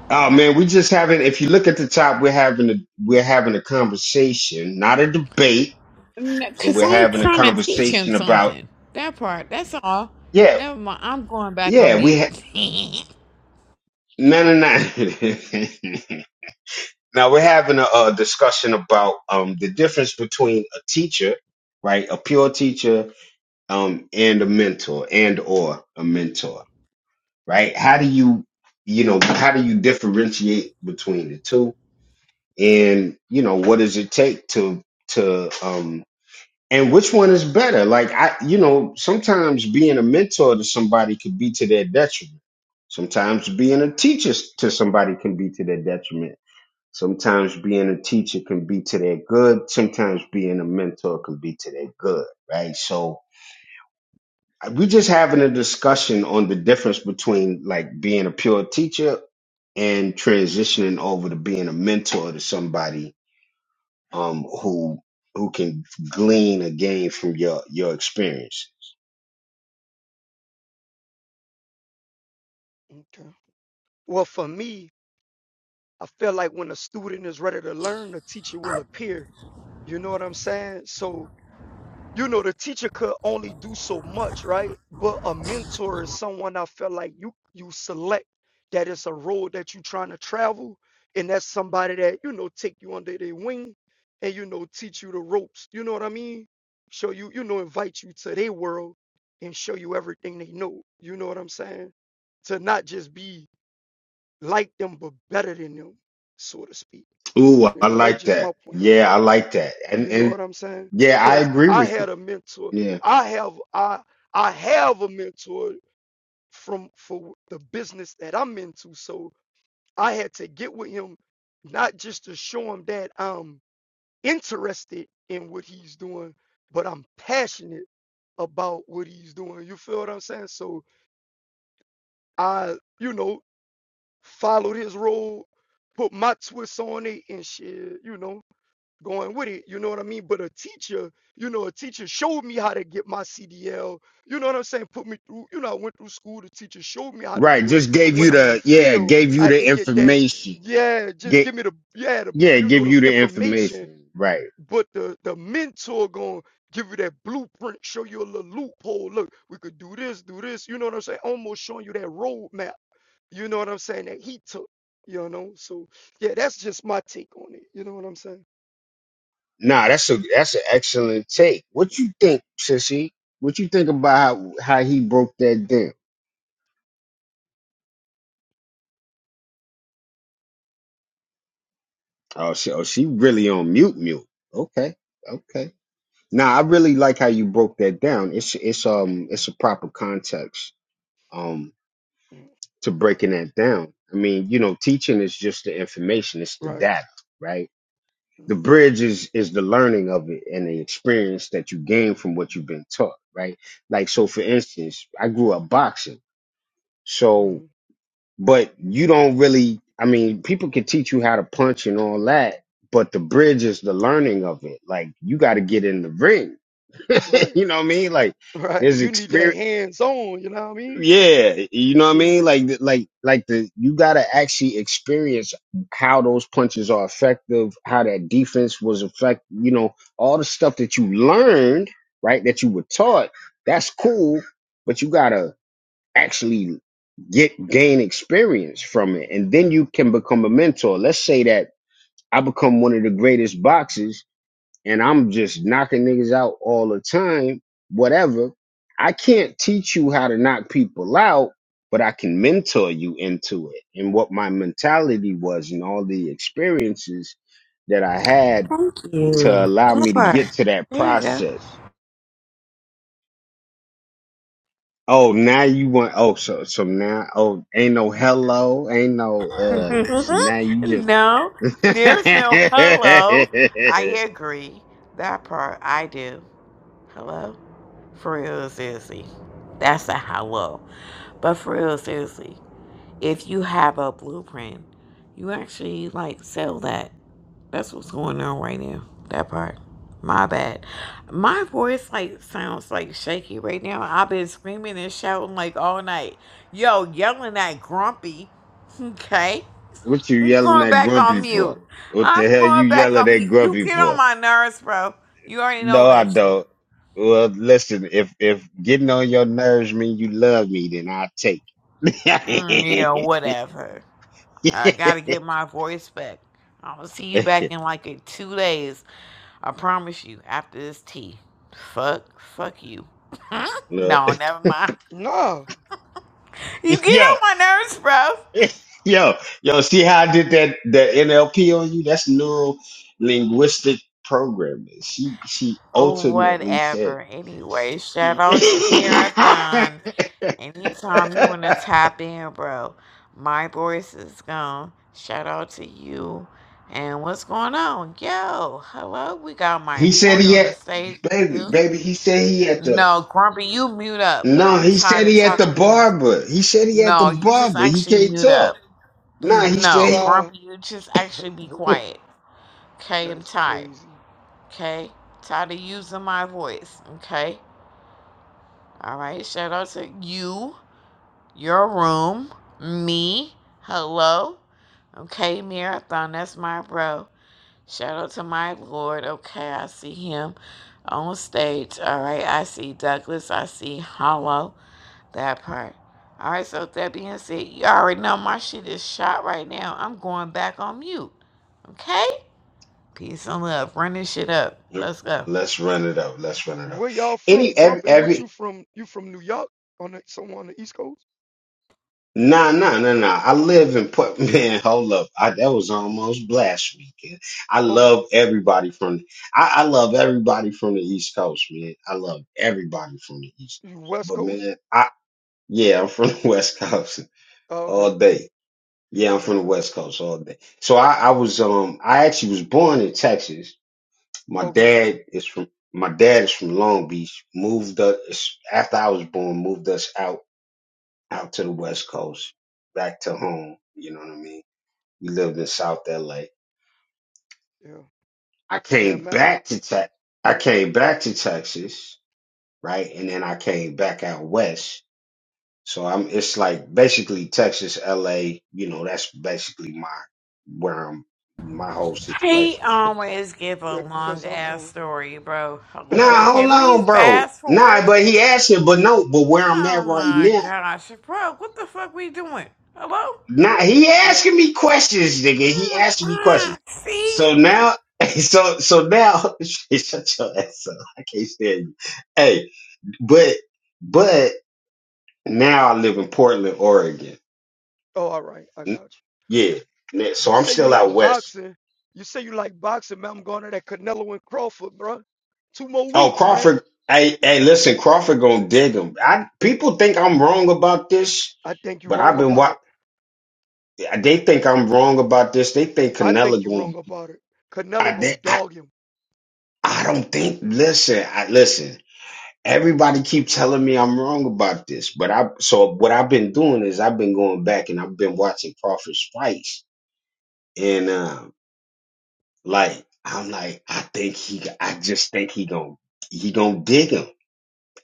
Speaker 2: oh, man, we just having. If you look at the top, we're having a we're having a conversation, not a debate,
Speaker 1: No,
Speaker 2: but
Speaker 1: Cause
Speaker 2: we're
Speaker 1: I'm
Speaker 2: having a
Speaker 1: trying to teach him
Speaker 2: conversation about
Speaker 1: something. That part. That's all.
Speaker 2: yeah,
Speaker 1: Never mind. I'm going back on
Speaker 2: yeah. We
Speaker 1: mute.
Speaker 2: ha-
Speaker 1: Thank
Speaker 2: no, no, no. Now we're having a, a discussion about um, the difference between a teacher, right, a pure teacher, um, and a mentor, and or a mentor, right? How do you, you know, how do you differentiate between the two, and you know, what does it take to to um, and which one is better? Like I, you know, sometimes being a mentor to somebody could be to their detriment. Sometimes being a teacher to somebody can be to their detriment Sometimes being a teacher can be to their good. Sometimes being a mentor can be to their good, right? So we're just having a discussion on the difference between like being a pure teacher and transitioning over to being a mentor to somebody um, who who can glean or gain from your your experience.
Speaker 4: Okay. Well, for me, I feel like when a student is ready to learn, the teacher will appear. You know what I'm saying? So you know, the teacher could only do so much, right? But a mentor is someone I felt like you you select that it's a road that you're trying to travel, and that's somebody that you know take you under their wing, and you know teach you the ropes. You know what I mean? Show you, you know, invite you to their world and show you everything they know. You know what I'm saying? To not just be like them, but better than them, so to speak.
Speaker 2: Ooh, I
Speaker 4: You know, that's
Speaker 2: like
Speaker 4: just
Speaker 2: that.
Speaker 4: my point of view.
Speaker 2: Yeah, I like that. And
Speaker 4: You know
Speaker 2: and
Speaker 4: what I'm saying?
Speaker 2: yeah, I
Speaker 4: Because
Speaker 2: agree
Speaker 4: I
Speaker 2: with you.
Speaker 4: had a mentor.
Speaker 2: Yeah.
Speaker 4: I have I I have a mentor from for the business that I'm into. So I had to get with him, not just to show him that I'm interested in what he's doing, but I'm passionate about what he's doing. You feel what I'm saying? So I, you know, followed his road, put my twist on it and shit, you know. going with it. You know what I mean? But a teacher, you know, a teacher showed me how to get my CDL. You know what I'm saying? Put me through, you know, I went through school, the teacher showed me how to
Speaker 2: Right.
Speaker 4: do it.
Speaker 2: Just
Speaker 4: But
Speaker 2: gave
Speaker 4: when
Speaker 2: you
Speaker 4: I'm in the
Speaker 2: the yeah,
Speaker 4: field,
Speaker 2: gave
Speaker 4: I
Speaker 2: you
Speaker 4: had
Speaker 2: the
Speaker 4: to get that,
Speaker 2: information.
Speaker 4: yeah, just give me the yeah, the
Speaker 2: Yeah,
Speaker 4: you know,
Speaker 2: give
Speaker 4: the
Speaker 2: you the
Speaker 4: information.
Speaker 2: information. Right.
Speaker 4: But the the mentor going to give you that blueprint, show you a little loophole. Look, we could do this, do this, you know what I'm saying? Almost showing you that roadmap, you know what I'm saying, that he took, you know. So yeah, that's just my take on it. You know what I'm saying?
Speaker 2: Nah, that's a that's an excellent take. What you think, Sissy? What you think about how, how he broke that down? Oh, she oh she really on mute mute. Okay. Okay. Nah, I really like how you broke that down. It's it's um it's a proper context um
Speaker 4: Mhm.
Speaker 2: to breaking that down. I mean, you know, teaching is just the information, it's the
Speaker 4: Right.
Speaker 2: data, right? the
Speaker 4: Mm-hmm.
Speaker 2: bridge is is the learning of it and the experience that you gain from what you've been taught right like so for instance i grew up boxing so
Speaker 4: Mm-hmm.
Speaker 2: but you don't really i mean people can teach you how to punch and all that but the bridge is the learning of it like you got to get in the ring
Speaker 4: Right,
Speaker 2: you know what i mean like
Speaker 4: right.
Speaker 2: there's
Speaker 4: You need
Speaker 2: experience
Speaker 4: that hands on, you know what I mean?
Speaker 2: yeah, you know what I
Speaker 4: Shit.
Speaker 2: mean? Like th- like like the you got to actually experience how those punches are effective, how that defense was effective, you know, all the stuff that you learned, right? That you were taught. That's cool, but you got to actually get gain experience from it and then you can become a mentor. Let's say that I become one of the greatest boxers and I'm just knocking niggas out all the time, whatever. I can't teach you how to knock people out, but I can mentor you into it. And what my mentality was and all the experiences that I had to
Speaker 1: you.
Speaker 2: allow
Speaker 1: That
Speaker 2: me to
Speaker 1: part.
Speaker 2: get to that
Speaker 1: There you go.
Speaker 2: process. Oh, now you want oh so so now oh ain't no hello, ain't no uh so now you just
Speaker 1: no, there's no hello. I agree. That part I do. Hello? For real, seriously. That's a hello. But for real, seriously, if you have a blueprint, you actually like sell that. That's what's going on right now. That part. My bad. My voice like sounds like shaky right now. I've been screaming and shouting like all night. Yo, yelling at grumpy. Okay.
Speaker 2: What you
Speaker 1: I'm
Speaker 2: yelling
Speaker 1: going
Speaker 2: at
Speaker 1: back on
Speaker 2: Grumpy for?
Speaker 1: mute.
Speaker 2: What the
Speaker 1: I'm
Speaker 2: hell you
Speaker 1: going back
Speaker 2: yelling
Speaker 1: on
Speaker 2: at
Speaker 1: mute. You
Speaker 2: Grumpy
Speaker 1: get on
Speaker 2: for?
Speaker 1: my nerves, bro. You already know
Speaker 2: No, I
Speaker 1: that shit.
Speaker 2: don't. Well, listen, if if getting on your nerves mean you love me, then I'll take
Speaker 1: Mm, yeah,
Speaker 2: it.
Speaker 1: whatever. I gotta get my voice back. I'm gonna see you back in like a two days. I promise you. After this tea. Fuck. Fuck you.
Speaker 2: Look,
Speaker 1: No, never mind.
Speaker 4: Nah,
Speaker 1: You get
Speaker 2: yo,
Speaker 1: on my nerves, bro.
Speaker 2: yo, yo, see how I did that the NLP on you? That's neuro linguistic programming. She she ultimately said
Speaker 1: Whatever. Anyway, shout out to Marathon. Anytime you want to tap in, bro, my voice is gone. Shout out to you. And what's going on? Yo, hello. We got my
Speaker 2: he said
Speaker 1: Lord
Speaker 2: he
Speaker 1: on the
Speaker 2: had
Speaker 1: stage,
Speaker 2: baby,
Speaker 1: too.
Speaker 2: baby, he said he had to
Speaker 1: No, Grumpy, you mute up.
Speaker 2: No,
Speaker 1: I'm
Speaker 2: he
Speaker 1: tired
Speaker 2: said
Speaker 1: of
Speaker 2: he at the
Speaker 1: talking to you.
Speaker 2: barber. He said he at the
Speaker 1: No, you just
Speaker 2: barber. He
Speaker 1: actually
Speaker 2: can't
Speaker 1: mute up.
Speaker 2: talk. Nah,
Speaker 1: Mm,
Speaker 2: he said
Speaker 1: No,
Speaker 2: he.
Speaker 4: nah.
Speaker 1: Grumpy, you just actually be quiet. Okay, I'm
Speaker 4: That's
Speaker 1: tired.
Speaker 4: crazy.
Speaker 1: Okay, tired of using my voice. Okay, all right. Shout out to you. your room, me. Hello? Okay, Marathon, that's my bro. Shout out to my Lord. Okay, I see him on stage. All right, I see Douglas. I see Hollow. That part. All right, so with that being said, you already know my shit is shot right now. I'm going back on mute. Okay? Peace and love. Run this shit up. Let's go.
Speaker 2: Let's run it up. Let's run it up.
Speaker 4: Where y'all from,
Speaker 2: Any every
Speaker 4: Grumpy? What you
Speaker 2: every.
Speaker 4: from? You from New York? On the, somewhere on the East Coast?
Speaker 2: Nah, nah, nah, nah. I live in Port man. Hold up, I, that was almost blasphemy. Kid. I
Speaker 4: Um,
Speaker 2: love everybody from. I, I love everybody from the East Coast, man. I love everybody from the East
Speaker 4: you
Speaker 2: Coast.
Speaker 4: West
Speaker 2: But
Speaker 4: Coast?
Speaker 2: man, I yeah, I'm from the West Coast
Speaker 4: Oh, okay.
Speaker 2: all day. Yeah, I'm
Speaker 4: I
Speaker 2: from the
Speaker 4: got
Speaker 2: West
Speaker 4: you.
Speaker 2: Coast so all day. So I, I was um I actually was born in Texas. My
Speaker 4: Okay.
Speaker 2: dad is from my dad is from Long Beach. Moved us after I was born, moved us out out to the West Coast, back to home. You know what I mean? We lived in South LA.
Speaker 4: Yeah.
Speaker 2: I
Speaker 4: Yeah,
Speaker 2: came
Speaker 4: Matt.
Speaker 2: back to Tex I came back to Texas, right? And then I came back out west. So I'm it's like basically Texas, LA, you know, that's basically my where I'm my whole
Speaker 1: He
Speaker 2: situation is
Speaker 1: always give a
Speaker 4: Yeah,
Speaker 1: long
Speaker 4: cause I'm
Speaker 1: ass
Speaker 4: on.
Speaker 1: story, bro. Hello?
Speaker 2: Nah, hold
Speaker 1: Can we
Speaker 2: on, bro.
Speaker 1: fast
Speaker 2: Nah,
Speaker 1: forward?
Speaker 2: but he asking, but no, but where I'm at
Speaker 1: Oh
Speaker 2: right
Speaker 1: my
Speaker 2: now.
Speaker 1: gosh, bro, what the fuck we doing? Hello?
Speaker 2: Nah, he
Speaker 4: yeah.
Speaker 2: asking me questions, nigga. He
Speaker 1: Oh
Speaker 2: asking me
Speaker 1: my
Speaker 2: questions.
Speaker 1: God, See?
Speaker 2: So now, so so now, shut your ass up. I can't stand you. Hey, but but now I live in Portland, Oregon.
Speaker 4: Oh, all right. I
Speaker 2: N-
Speaker 4: got
Speaker 2: Yeah, n-
Speaker 4: you.
Speaker 2: so
Speaker 4: You
Speaker 2: I'm
Speaker 4: say you
Speaker 2: still out
Speaker 4: like
Speaker 2: west.
Speaker 4: boxing. You say you like boxing, man. I'm going to that Canelo and Crawford, bro. Two more
Speaker 2: Oh,
Speaker 4: weeks, man.
Speaker 2: Crawford. Hey, hey, listen, Crawford gonna dig him. I people think I'm wrong about this,
Speaker 4: I think you
Speaker 2: but I've
Speaker 4: wrong
Speaker 2: been
Speaker 4: about it.
Speaker 2: watching. They think I'm wrong about this. They think
Speaker 4: I
Speaker 2: Canelo
Speaker 4: think you
Speaker 2: going.
Speaker 4: wrong about it. Canelo
Speaker 2: I
Speaker 4: gonna
Speaker 2: they, I,
Speaker 4: dog him.
Speaker 2: I don't think. Listen, I listen. Everybody keep telling me I'm wrong about this, but I so what I've been doing is I've been going back and I've been watching Crawford's fights, and um, like I'm like I think he. I just think he gonna he gonna dig him.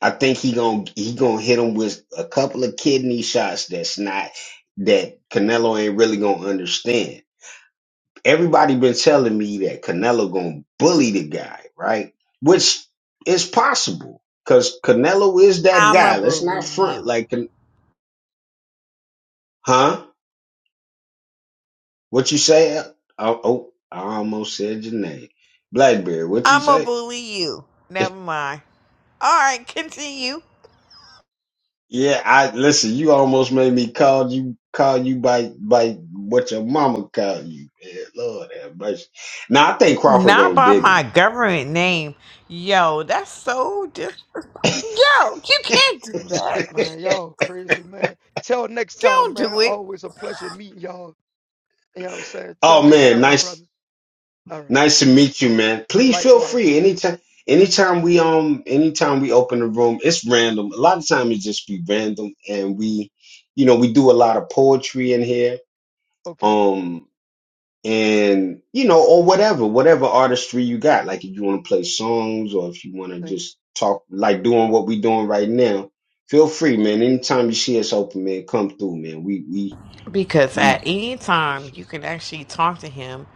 Speaker 2: I think he gonna he gonna hit him with a couple of kidney shots. That's not that Canelo ain't really gonna understand. Everybody been telling me that Canelo gonna bully the guy, right? Which is possible because Canelo is that
Speaker 1: I'ma
Speaker 2: guy. Let's not
Speaker 1: bully
Speaker 2: front
Speaker 1: you.
Speaker 2: like, Can- huh? What you say? Oh, oh, I almost said your name, Blackbeard. What you
Speaker 1: I'ma
Speaker 2: say?
Speaker 1: bully you. Never mind. Alright, continue.
Speaker 2: Yeah, I listen. You almost made me call you call you by by what your mama called you. Yeah, Lord have mercy. Now I think Crawford
Speaker 1: Not
Speaker 2: gonna
Speaker 1: by
Speaker 2: dig him.
Speaker 1: my government
Speaker 4: M-
Speaker 1: name. Yo, that's so di- Yo, you can't do that.
Speaker 4: Man, y'all crazy, man. Till next time,
Speaker 1: Don't
Speaker 4: man.
Speaker 1: do it.
Speaker 4: Always a pleasure meeting y'all. You know what I'm saying? Till
Speaker 2: oh
Speaker 4: next
Speaker 2: man,
Speaker 4: time, my
Speaker 2: nice
Speaker 4: brother. All right.
Speaker 2: Nice to meet you, man. Please feel
Speaker 4: Likewise.
Speaker 2: free anytime. Anytime we um, anytime we open the room, it's random. A lot of time it just be random, and we, you know, we do a lot of poetry in here.
Speaker 4: Okay.
Speaker 2: Um, and you know, or whatever, whatever artistry you got. Like if you want to play songs, or if you want to
Speaker 4: Thank you.
Speaker 2: just talk, like doing what we doing right now. Feel free, man. Anytime you see us open, man, come through, man. We we
Speaker 1: Because
Speaker 2: we.
Speaker 1: at any
Speaker 4: For
Speaker 1: time
Speaker 4: sure.
Speaker 1: you can actually talk to him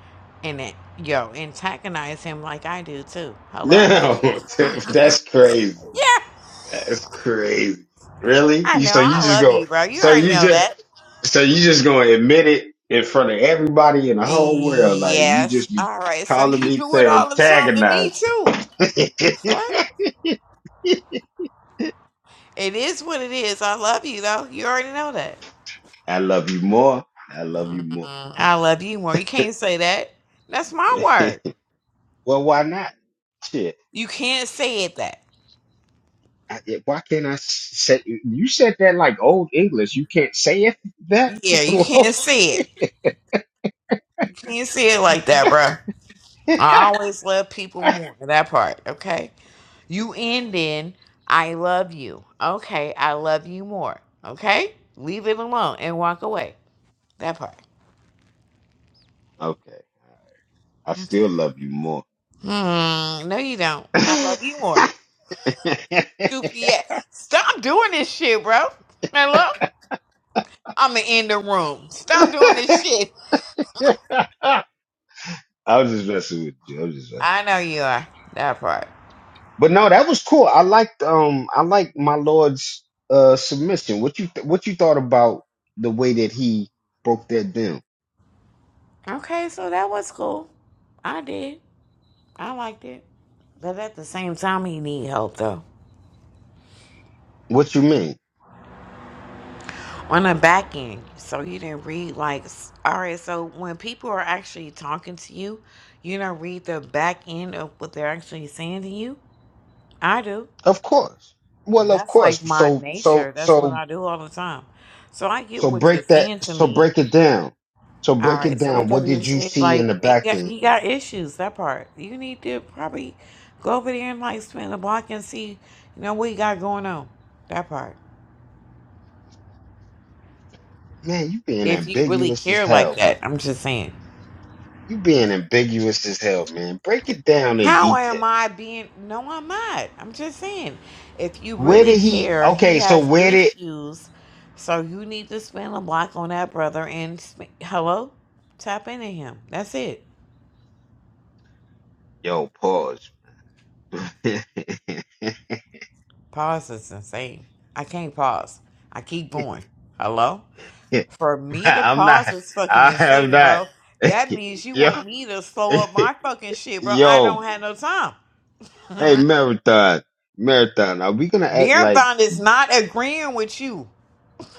Speaker 1: and it, yo, antagonize him like I do too. Hello?
Speaker 2: Now that's crazy.
Speaker 1: Yeah.
Speaker 2: That's crazy. Really?
Speaker 1: I
Speaker 2: You
Speaker 1: know.
Speaker 2: so you
Speaker 1: I
Speaker 2: just
Speaker 1: love
Speaker 2: go
Speaker 1: you, bro. You
Speaker 2: so
Speaker 1: already
Speaker 2: you
Speaker 1: know
Speaker 2: just
Speaker 1: that.
Speaker 2: so you just gonna admit it in front of everybody in the whole world, like you
Speaker 1: Yes.
Speaker 2: just be
Speaker 1: All right. So
Speaker 2: calling
Speaker 1: you
Speaker 2: me
Speaker 1: do it
Speaker 2: to
Speaker 1: all the time to me
Speaker 2: antagonize.
Speaker 1: too. What? It is what it is. I love you though. You already know that.
Speaker 2: I love you more. I love you
Speaker 1: Mm,
Speaker 2: more.
Speaker 1: I love you more. You can't say that. That's my word.
Speaker 2: well, why not? Shit.
Speaker 1: You can't say it that.
Speaker 2: I, it- why can't I s- say you said that like old English? You can't say it that.
Speaker 1: Yeah, you
Speaker 2: What?
Speaker 1: can't say it. You can't say it like that, bro. I always love people more. That part, okay? You end in I love you. Okay, I love you more. Okay? Leave it alone and walk away. That part.
Speaker 2: okay, I
Speaker 1: That's-
Speaker 2: still love you more.
Speaker 1: Hmm. No, you don't. I love you more. Goofy ass. Stop doing this shit, bro. Hello? I'm going to end the room. Stop doing this shit.
Speaker 2: I was just messing with you. I was just messing. With
Speaker 1: I
Speaker 2: you.
Speaker 1: know you are. That part.
Speaker 2: But no, that was cool. I liked um I liked my lord's uh submission. What you th- what you thought about the way that he broke that down?
Speaker 1: Okay, so that was cool. I did. I liked it. But at the same time, he need help though
Speaker 2: What you mean?
Speaker 1: on the back end. So you didn't read like s- all right. So when people are actually talking to you, you don't read the back end of what they're actually saying to you. I do.
Speaker 2: Of course. Well, of
Speaker 1: That's
Speaker 2: course.
Speaker 1: like my
Speaker 2: So so
Speaker 1: nature. That's what
Speaker 2: so
Speaker 1: I do all the time. So I get
Speaker 2: so
Speaker 1: what you're
Speaker 2: break that
Speaker 1: saying to
Speaker 2: so
Speaker 1: me.
Speaker 2: break it down. So
Speaker 1: All
Speaker 2: break it
Speaker 1: right. So with
Speaker 2: down.
Speaker 1: that
Speaker 2: What
Speaker 1: being
Speaker 2: did you
Speaker 1: said,
Speaker 2: see in the
Speaker 1: like he
Speaker 2: back
Speaker 1: got
Speaker 2: end?
Speaker 1: he got issues. That part you need to probably go over there and like spin the block and see you know what he got going on. That part.
Speaker 2: Man, you being
Speaker 1: If you really
Speaker 2: ambiguous as
Speaker 1: care like
Speaker 2: hell, man.
Speaker 1: that, I'm just saying.
Speaker 2: You being ambiguous as hell, man. Break it down in
Speaker 1: How
Speaker 2: detail.
Speaker 1: am I being? No, I'm not. I'm just saying, if you
Speaker 2: Where
Speaker 1: really
Speaker 2: did he?
Speaker 1: care, he
Speaker 2: Okay, so
Speaker 1: has
Speaker 2: where did?
Speaker 1: issues. So you need to spend a block on that brother and sp- hello, tap into him. That's it.
Speaker 2: Yo, pause.
Speaker 1: Pause is insane. I can't pause. I keep going. Hello? For me to
Speaker 2: I'm not.
Speaker 1: pause is fucking
Speaker 2: I have
Speaker 1: insane,
Speaker 2: not.
Speaker 1: bro. That means you
Speaker 2: yo,
Speaker 1: want me to slow up my fucking shit, bro. I
Speaker 2: yo.
Speaker 1: don't have no time.
Speaker 2: Hey, marathon, marathon. Are we gonna act like
Speaker 1: Marathon is not agreeing with you.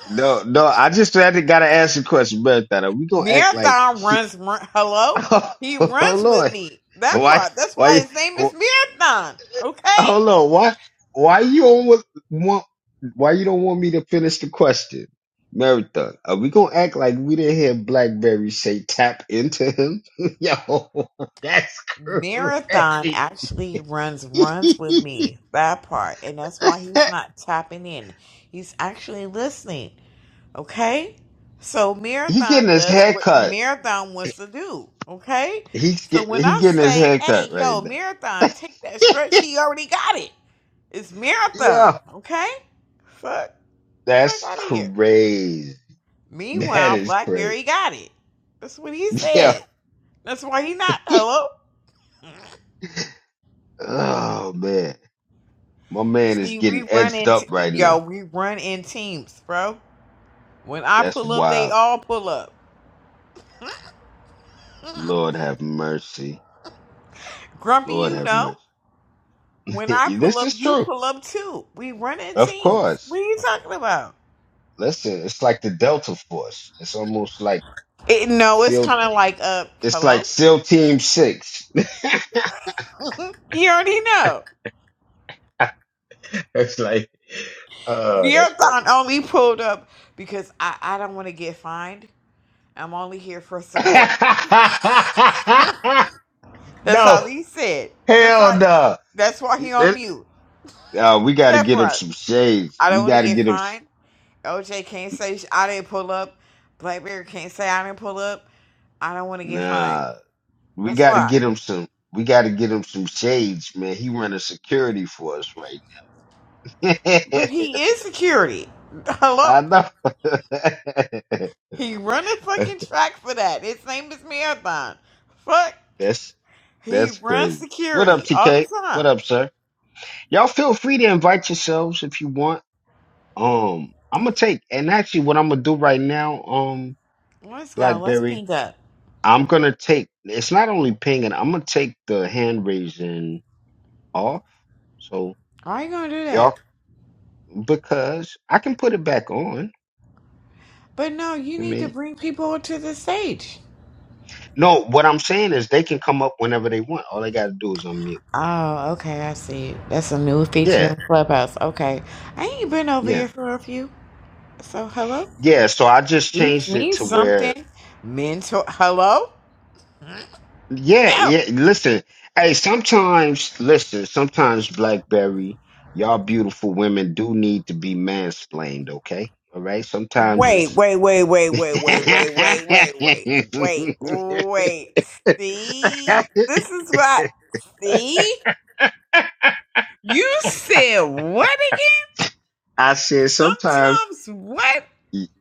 Speaker 2: no, no? I just had to gotta ask a question, marathon. Are we gonna act like?
Speaker 1: Marathon
Speaker 2: She,
Speaker 1: runs. run- Hello,
Speaker 2: oh,
Speaker 1: he runs with
Speaker 2: Lord,
Speaker 1: me. That
Speaker 2: why,
Speaker 1: part. That's why
Speaker 2: why?
Speaker 1: his name is Marathon. Okay.
Speaker 2: Hold on. Why? Why you don't wa- want? Why you don't want me to finish the question? Marathon. Are we gonna act like we didn't hear Blackberry say tap into him? Yo, that's
Speaker 1: Marathon
Speaker 2: crazy.
Speaker 1: actually runs runs with me. That part, and that's why he's
Speaker 2: he
Speaker 1: not tapping in. He's actually listening. Okay. So
Speaker 2: getting
Speaker 1: Marathon
Speaker 2: his
Speaker 1: does
Speaker 2: hair
Speaker 1: what
Speaker 2: cut.
Speaker 1: Marathon wants to do. Okay.
Speaker 2: He's
Speaker 1: So
Speaker 2: get,
Speaker 1: when
Speaker 2: he
Speaker 1: I
Speaker 2: getting his
Speaker 1: say,
Speaker 2: hair
Speaker 1: "Hey,
Speaker 2: cut right
Speaker 1: yo,
Speaker 2: now.
Speaker 1: Marathon, take that stretch," he already got it. It's Marathon.
Speaker 2: yeah,
Speaker 1: Okay. Fuck. Fuck
Speaker 2: that's
Speaker 1: out of here.
Speaker 2: crazy. That
Speaker 1: Meanwhile,
Speaker 2: is crazy.
Speaker 1: Blackberry got it. That's what he
Speaker 2: Yeah.
Speaker 1: said. That's why he not hello.
Speaker 2: Oh man, my man is
Speaker 1: See, we
Speaker 2: getting
Speaker 1: run
Speaker 2: edged
Speaker 1: in
Speaker 2: up
Speaker 1: t-
Speaker 2: right
Speaker 1: yo,
Speaker 2: now.
Speaker 1: we run in teams, bro. When I
Speaker 2: That's
Speaker 1: pull up, they
Speaker 2: wild.
Speaker 1: all pull up.
Speaker 2: Lord have mercy.
Speaker 1: Grumpy,
Speaker 2: Lord
Speaker 1: you
Speaker 2: have
Speaker 1: know.
Speaker 2: mercy.
Speaker 1: When I pull
Speaker 2: this
Speaker 1: up,
Speaker 2: is
Speaker 1: you
Speaker 2: true.
Speaker 1: pull up too. We run in
Speaker 2: Of
Speaker 1: teams. What
Speaker 2: course.
Speaker 1: are you talking about?
Speaker 2: Listen, it's like the Delta Force. It's almost like
Speaker 1: It, no, it's
Speaker 2: SEAL
Speaker 1: kind of like uh,
Speaker 2: it's like
Speaker 1: hello.
Speaker 2: SEAL Team Six.
Speaker 1: you already know.
Speaker 2: it's like oh, that's funny.
Speaker 1: Neothon only pulled up because I I don't want to get fined. I'm only here for support. That's all
Speaker 2: no,
Speaker 1: he said. That's
Speaker 2: hell
Speaker 1: like
Speaker 2: no.
Speaker 1: that's why he on
Speaker 2: Let-
Speaker 1: mute.
Speaker 2: Uh, we gotta
Speaker 1: That
Speaker 2: get him
Speaker 1: part.
Speaker 2: some shades.
Speaker 1: I don't
Speaker 2: We
Speaker 1: want to
Speaker 2: gotta
Speaker 1: get
Speaker 2: get him s-
Speaker 1: fined. OJ can't say sh- I didn't pull up. Blackberry can't say I didn't pull up. I don't want to get fined.
Speaker 2: nah. We
Speaker 1: That's
Speaker 2: gotta
Speaker 1: why.
Speaker 2: get him some we gotta get him some shades, man. He running security for us right now.
Speaker 1: But he is security. Hello?
Speaker 2: I know.
Speaker 1: He run a fucking track for that. His name is Marathon. Fuck.
Speaker 2: that's
Speaker 1: He
Speaker 2: that's
Speaker 1: runs
Speaker 2: crazy. What up,
Speaker 1: security all the
Speaker 2: TK? What
Speaker 1: time.
Speaker 2: up, sir? Y'all feel free to invite yourselves if you want. Um, I'm gonna take and actually what I'm gonna do right now, um,
Speaker 1: Let's go. Let's
Speaker 2: Blackberry,
Speaker 1: pink up.
Speaker 2: I'm gonna take it's not only pinging, I'm gonna take the hand raising off. So
Speaker 1: Why you gonna do that?
Speaker 2: y'all because I can put it back on.
Speaker 1: But no, you
Speaker 2: I
Speaker 1: need to
Speaker 2: mean
Speaker 1: bring people to the stage.
Speaker 2: no, what I'm saying is they can come up whenever they want. All they gotta do is unmute.
Speaker 1: Oh, okay, I see. That's a new feature
Speaker 2: Yeah,
Speaker 1: on Clubhouse. Okay. I ain't been over
Speaker 2: yeah.
Speaker 1: here for a few. So hello?
Speaker 2: Yeah, so I just
Speaker 1: Teach
Speaker 2: changed it
Speaker 1: me
Speaker 2: to where,
Speaker 1: something. Mentor hello?
Speaker 2: yeah,
Speaker 1: No.
Speaker 2: yeah. Listen, hey, sometimes, listen, sometimes BlackBerry, y'all beautiful women do need to be mansplained, okay? All right. Sometimes
Speaker 1: Wait,
Speaker 2: it's.
Speaker 1: wait, wait, wait, wait, wait, wait, wait, wait, wait, wait, wait. See? This is what see? You said what again?
Speaker 2: I said sometimes.
Speaker 1: Sometimes what?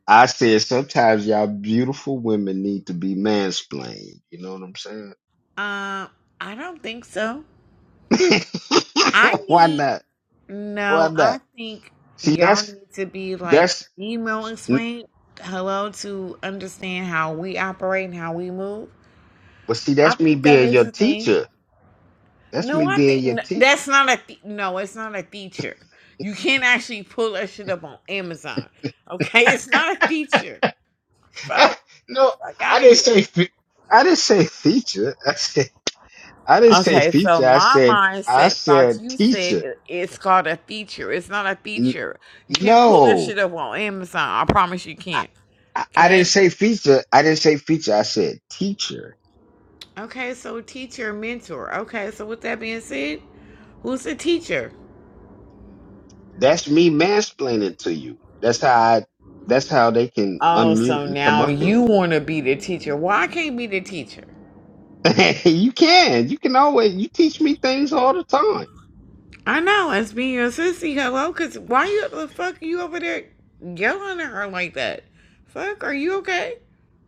Speaker 2: I said sometimes y'all beautiful women need to be mansplained. You know what I'm saying?
Speaker 1: Um, I don't think so. I
Speaker 2: Why
Speaker 1: need
Speaker 2: not? Why
Speaker 1: No,
Speaker 2: not?
Speaker 1: I think
Speaker 2: See,
Speaker 1: y'all
Speaker 2: that's
Speaker 1: need to be like
Speaker 2: that's.
Speaker 1: email explain hello to understand how we operate and how we move.
Speaker 2: But see,
Speaker 1: I
Speaker 2: that's me
Speaker 1: think that
Speaker 2: being
Speaker 1: is
Speaker 2: your
Speaker 1: a thing.
Speaker 2: teacher. That's
Speaker 1: No,
Speaker 2: me
Speaker 1: I
Speaker 2: being
Speaker 1: think
Speaker 2: your
Speaker 1: n-
Speaker 2: teacher.
Speaker 1: that's not a th- no. It's not a feature. You can't actually pull that shit up on Amazon. Okay, it's not a feature. Fuck,
Speaker 2: no,
Speaker 1: fuck out
Speaker 2: I
Speaker 1: of
Speaker 2: didn't
Speaker 1: here.
Speaker 2: say. Fe- I didn't say feature. I said I didn't say
Speaker 1: Okay, so
Speaker 2: feature. I
Speaker 1: my
Speaker 2: said I
Speaker 1: mindset thought
Speaker 2: said
Speaker 1: you said
Speaker 2: teacher.
Speaker 1: it- it's called a feature. It's not a
Speaker 2: N-
Speaker 1: feature. You can't pull that
Speaker 2: No,
Speaker 1: shit up on Amazon. I promise you
Speaker 2: I,
Speaker 1: can't.
Speaker 2: I I didn't
Speaker 1: Okay.
Speaker 2: say feature. I didn't say feature. I said teacher.
Speaker 1: Okay, so teacher, mentor. Okay, so with that being said, who's the teacher?
Speaker 2: That's me mansplaining to you. That's how I. That's how they can
Speaker 1: Oh,
Speaker 2: unmute
Speaker 1: so
Speaker 2: and come
Speaker 1: now
Speaker 2: up here.
Speaker 1: you want to be the teacher. Why I can't be the teacher?
Speaker 2: you can. You can always. You teach me things all the
Speaker 1: I know, it's being your sissy, hello, because why you, the fuck are you over there yelling at her like that? Fuck, are you okay?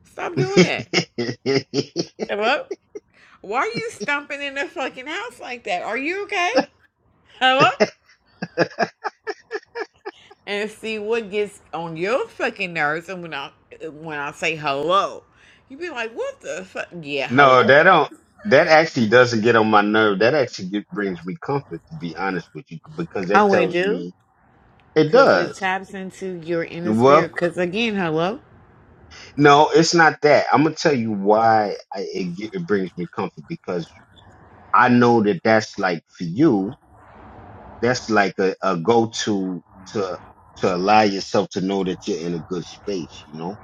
Speaker 1: Stop doing that.
Speaker 2: time.
Speaker 1: Hello? Why are you stomping in the fucking house like that? Are you okay? Hello? and see what gets on your fucking nerves. And when I when I say hello, you be like, "What the fuck?" Yeah,
Speaker 2: No,
Speaker 1: hello.
Speaker 2: that don't. That actually doesn't get on my nerve. That actually get, brings me comfort, to be honest with you, because
Speaker 1: I
Speaker 2: that
Speaker 1: would
Speaker 2: tells
Speaker 1: do
Speaker 2: me it
Speaker 1: because it
Speaker 2: does.
Speaker 1: taps into your inner
Speaker 2: Well,
Speaker 1: spirit. Because again, hello,
Speaker 2: no, it's not that. I'm gonna tell you why I, it, get, it brings me comfort because I know that that's like for you. That's like a, a go to to to allow yourself to know that you're in a good space, you know.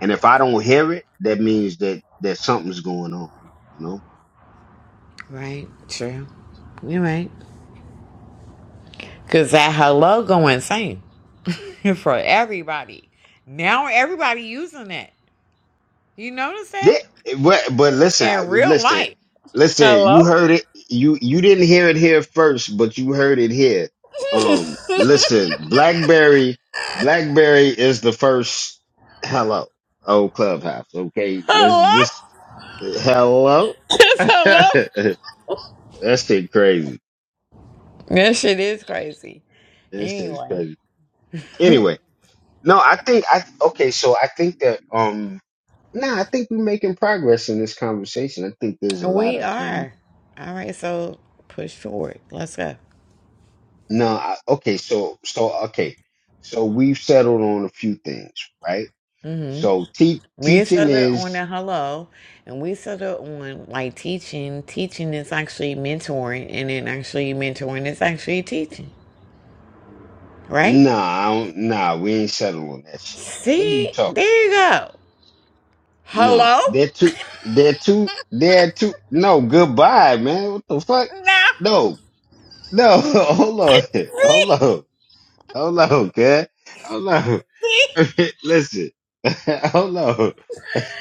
Speaker 2: And if I don't hear it, that means that that something's going on, you know
Speaker 1: right? True, you're right. Because that hello go insane for everybody. Now everybody using that. You notice that
Speaker 2: Th- But but listen,
Speaker 1: in real
Speaker 2: listen,
Speaker 1: life.
Speaker 2: listen.
Speaker 1: Hello,
Speaker 2: You heard it. You you didn't hear it here first, but you heard it here. Um,
Speaker 1: hello,
Speaker 2: listen, BlackBerry, BlackBerry is the first. Hello, old clubhouse. Okay, let's just hello.
Speaker 1: just hello.
Speaker 2: That's shit crazy.
Speaker 1: That shit is crazy.
Speaker 2: That shit is
Speaker 1: Anyway.
Speaker 2: crazy. Anyway, no, I think I okay. So I think that um, nah, I think we're making progress in this conversation. I think there's a lot
Speaker 1: We
Speaker 2: of um
Speaker 1: are. All right, so push forward. Let's go.
Speaker 2: No, I, okay, so so okay, so we've settled on a few things, right?
Speaker 1: hmm
Speaker 2: So te-
Speaker 1: We
Speaker 2: teaching
Speaker 1: started on
Speaker 2: is
Speaker 1: the hello, and we started on like teaching. Teaching is actually mentoring, and then actually mentoring is actually teaching, right?
Speaker 2: nah, I don't, nah, we ain't settled on that shit. What are you
Speaker 1: See,
Speaker 2: talking?
Speaker 1: there you go.
Speaker 2: No,
Speaker 1: Hello?
Speaker 2: they're too, they're too, they're too. No, goodbye, man. What the fuck?
Speaker 1: Now,
Speaker 2: No, no, hold on, hold
Speaker 1: see,
Speaker 2: on, hold on, good, hold on.
Speaker 1: see,
Speaker 2: Listen, hold on.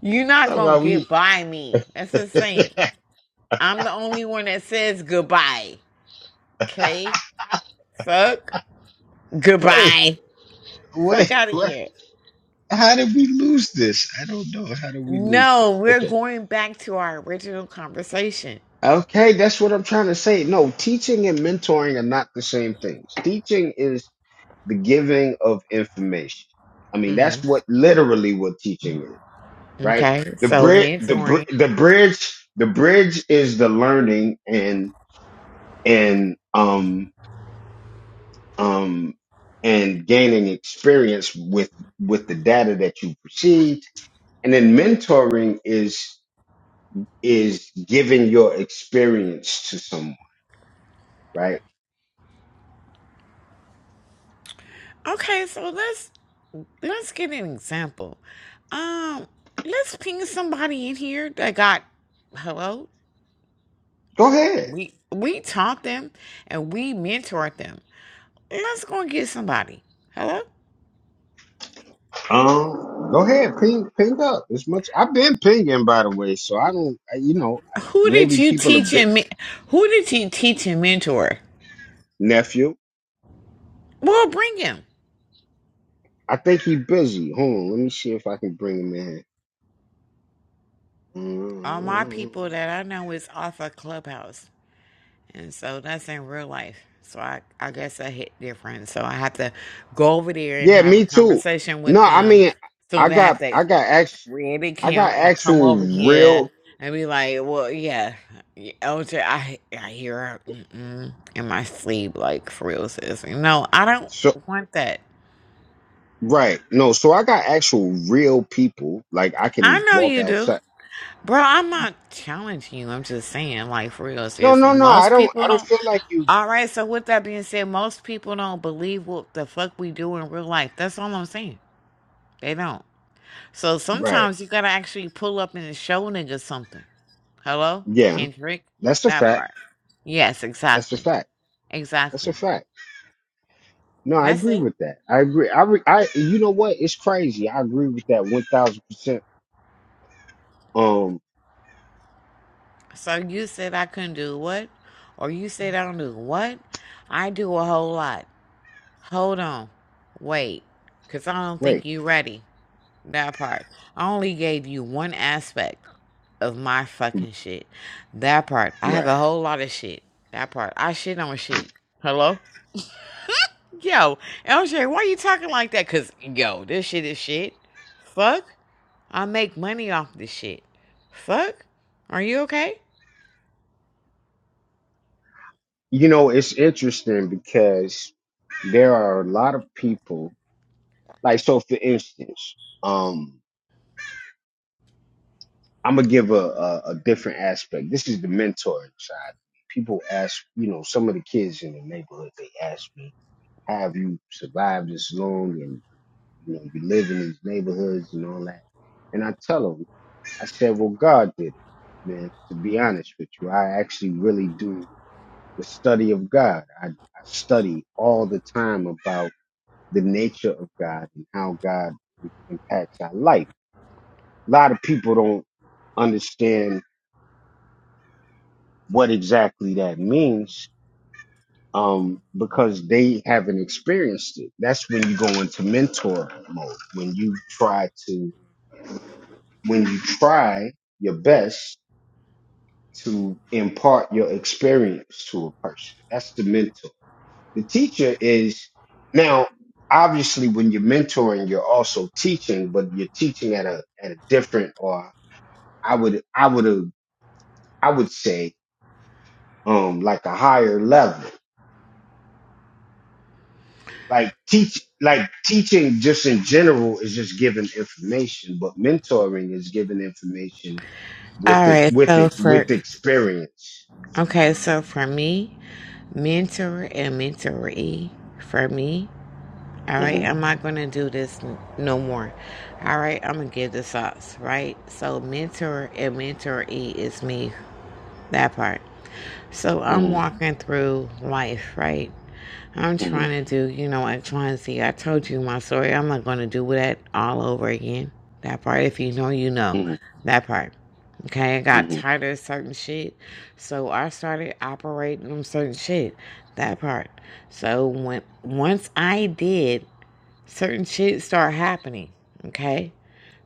Speaker 1: you're not
Speaker 2: Talk
Speaker 1: gonna
Speaker 2: about we.
Speaker 1: get by me. That's insane.
Speaker 2: wait,
Speaker 1: I'm the only one that says goodbye. Okay, fuck goodbye. Fuck
Speaker 2: wait,
Speaker 1: out of
Speaker 2: wait.
Speaker 1: here.
Speaker 2: How did we lose this? I don't know. How did we lose
Speaker 1: No,
Speaker 2: this?
Speaker 1: we're
Speaker 2: Okay.
Speaker 1: going back to our original conversation.
Speaker 2: Okay, that's what I'm trying to say. No, teaching and mentoring are not the same things. Teaching is the giving of information. I mean, that's
Speaker 1: Mhm.
Speaker 2: what literally what teaching is, right?
Speaker 1: Okay,
Speaker 2: The
Speaker 1: so
Speaker 2: bridge, the
Speaker 1: mentoring.
Speaker 2: br- the bridge, the bridge is the learning and and um um and gaining experience with with the data that you received, and then mentoring is is giving your experience to someone, right?
Speaker 1: Okay, so let's let's get an example. Um, let's ping somebody in here that got hello.
Speaker 2: Go ahead.
Speaker 1: We we taught them and we mentored them. Let's go and get somebody. Hello.
Speaker 2: Um, go ahead. Ping, ping up as much. I've been pinging, by the way, so I don't. I, you know,
Speaker 1: Who did
Speaker 2: maybe
Speaker 1: you
Speaker 2: people a
Speaker 1: teach
Speaker 2: bit
Speaker 1: and men- who did you teach and mentor?
Speaker 2: nephew.
Speaker 1: Well, bring him.
Speaker 2: I think he busy. Hold on, let me see if I can bring him in.
Speaker 1: All my
Speaker 2: Mm.
Speaker 1: people that I know is off of Clubhouse. And so that's in real life. So I, I guess I hit different. So I have to go over there and
Speaker 2: Yeah,
Speaker 1: have a
Speaker 2: me too.
Speaker 1: conversation
Speaker 2: No,
Speaker 1: with
Speaker 2: I
Speaker 1: them.
Speaker 2: mean,
Speaker 1: So
Speaker 2: I
Speaker 1: they have
Speaker 2: got,
Speaker 1: to
Speaker 2: I got act,
Speaker 1: create an
Speaker 2: I got
Speaker 1: account and come
Speaker 2: actual
Speaker 1: over here
Speaker 2: real.
Speaker 1: and be like, well, yeah, yeah, OJ, I, I hear her mm-mm, in my sleep, like for real, sis. No, I don't
Speaker 2: So
Speaker 1: want that.
Speaker 2: right, no, so I got actual real people. Like I
Speaker 1: I
Speaker 2: can
Speaker 1: know
Speaker 2: walk
Speaker 1: you do.
Speaker 2: outside.
Speaker 1: Bro, I'm not challenging you. I'm just saying, like, for real,
Speaker 2: No, no,
Speaker 1: seriously.
Speaker 2: no. I
Speaker 1: Most
Speaker 2: don't.
Speaker 1: people
Speaker 2: I don't
Speaker 1: don't.
Speaker 2: feel like you.
Speaker 1: All right, so with that being said, most people don't believe what the fuck we do in real life. That's all I'm saying. They don't. So
Speaker 2: Right.
Speaker 1: sometimes you gotta actually pull up and show niggas something. Hello?
Speaker 2: Yeah.
Speaker 1: Kendrick?
Speaker 2: That's a
Speaker 1: That
Speaker 2: fact.
Speaker 1: part. Yes,
Speaker 2: That's a
Speaker 1: exactly.
Speaker 2: fact. That's a
Speaker 1: Exactly.
Speaker 2: fact. No,
Speaker 1: And
Speaker 2: I
Speaker 1: that's
Speaker 2: agree
Speaker 1: it.
Speaker 2: with that. I agree. I. Re, I. You know what? It's crazy. I agree with that one thousand percent. Um.
Speaker 1: So you said I couldn't do what? Or you said I don't do what? I do a whole lot. Hold on. Wait. Cause I don't think
Speaker 2: Wait.
Speaker 1: you ready. That part. I only gave you one aspect. of my fucking shit. That part. I have
Speaker 2: Right.
Speaker 1: a whole lot of shit. That part. I shit on shit. Hello? Yo, LJ, why you talking like that? Cause yo, this shit is shit. Fuck. I make money off this shit. Fuck. Are you okay?
Speaker 2: You know, it's interesting because there are a lot of people. Like, so for instance, um, I'm gonna give a, a, a different aspect. This is the mentoring side. People ask, you know, some of the kids in the neighborhood, they ask me how have you survived this long and you know you live in these neighborhoods and all that and i tell them i said well god did it man to be honest with you i actually really do the study of god i, I study all the time about the nature of god and how god impacts our life a lot of people don't understand what exactly that means um, because they haven't experienced it. That's when you go into mentor mode, when you try to, when you try your best to impart your experience to a person. That's the mentor. The teacher is now, obviously, when you're mentoring, you're also teaching, but you're teaching at a, at a different, or I would, I would, I would say, um, like a higher level like teach like teaching just in general is just giving information but mentoring is giving information with it
Speaker 1: Alright,
Speaker 2: with
Speaker 1: so
Speaker 2: it
Speaker 1: for
Speaker 2: with experience
Speaker 1: okay, so for me, mentor and mentoree. For me, alright,
Speaker 2: hmm
Speaker 1: I'm not gonna do this n- no more. Alright, I'm gonna give this up, right? So mentor and mentoree is me That part. So I'm
Speaker 2: hmm
Speaker 1: walking through life, right? I'm
Speaker 2: hmm
Speaker 1: trying to do, you know, X, Y, and Z. I told you my story. I'm not going to do that all over again. That part, if you know, you know.
Speaker 2: hmm
Speaker 1: That part. Okay, I got
Speaker 2: hmm
Speaker 1: tired of certain shit. So I started operating on certain shit. That part. So when once I did, certain shit start happening. Okay?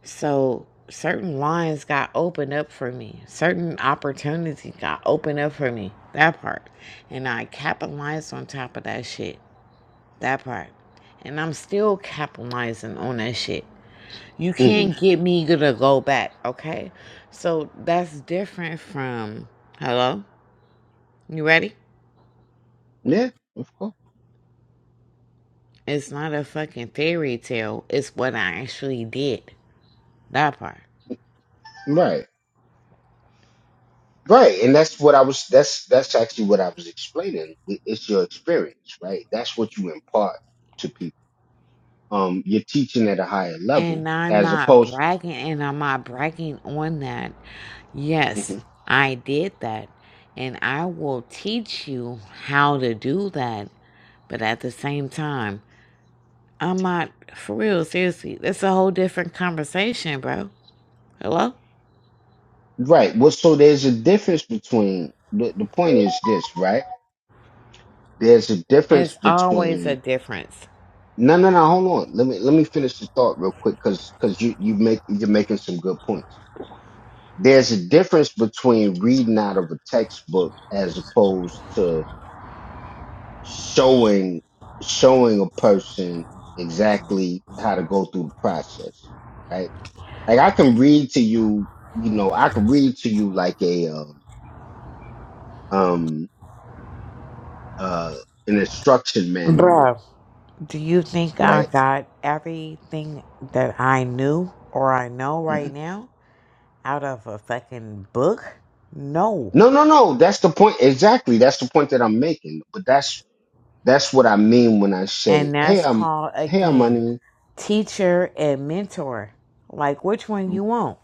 Speaker 1: So certain lines got opened up for me. Certain opportunities got opened up for me. That part. And I capitalized on top of that shit. That part. And I'm still capitalizing on that shit. You
Speaker 2: hmm
Speaker 1: can't get me gonna go back, okay? So that's different from hello? You ready?
Speaker 2: Yeah, of course.
Speaker 1: It's not a fucking fairy tale. It's what I actually did. That part.
Speaker 2: right right and that's what i was that's that's actually what i was explaining It- it's your experience right that's what you impart to people um you're teaching at a higher level
Speaker 1: And I'm
Speaker 2: as
Speaker 1: not
Speaker 2: opposed
Speaker 1: bragging, and I'm not bragging on that. Yes,
Speaker 2: hmm
Speaker 1: I did that. And I will teach you how to do that. But at the same time, I'm not, for real, seriously, that's a whole different conversation, bro. Hello?
Speaker 2: right well so there's a difference between the, the point is this right there's a difference
Speaker 1: It's always a
Speaker 2: between
Speaker 1: difference.
Speaker 2: no no no hold on let me let me finish the thought real quick because because you you make you're making some good points there's a difference between reading out of a textbook as opposed to showing showing a person exactly how to go through the process right like i can read to you you know i can read to you like a um um uh an instruction manual
Speaker 1: Bro, do you think I
Speaker 2: right
Speaker 1: got everything that I knew or I know right now out of a fucking book? No.
Speaker 2: No, no, no. That's the point. Exactly. That's the point that I'm making. But that's that's what I mean when I say,
Speaker 1: And
Speaker 2: "Hey,
Speaker 1: that's
Speaker 2: I'm
Speaker 1: called,
Speaker 2: hey, I'm
Speaker 1: again,
Speaker 2: money."
Speaker 1: teacher and mentor. Like, which one you want?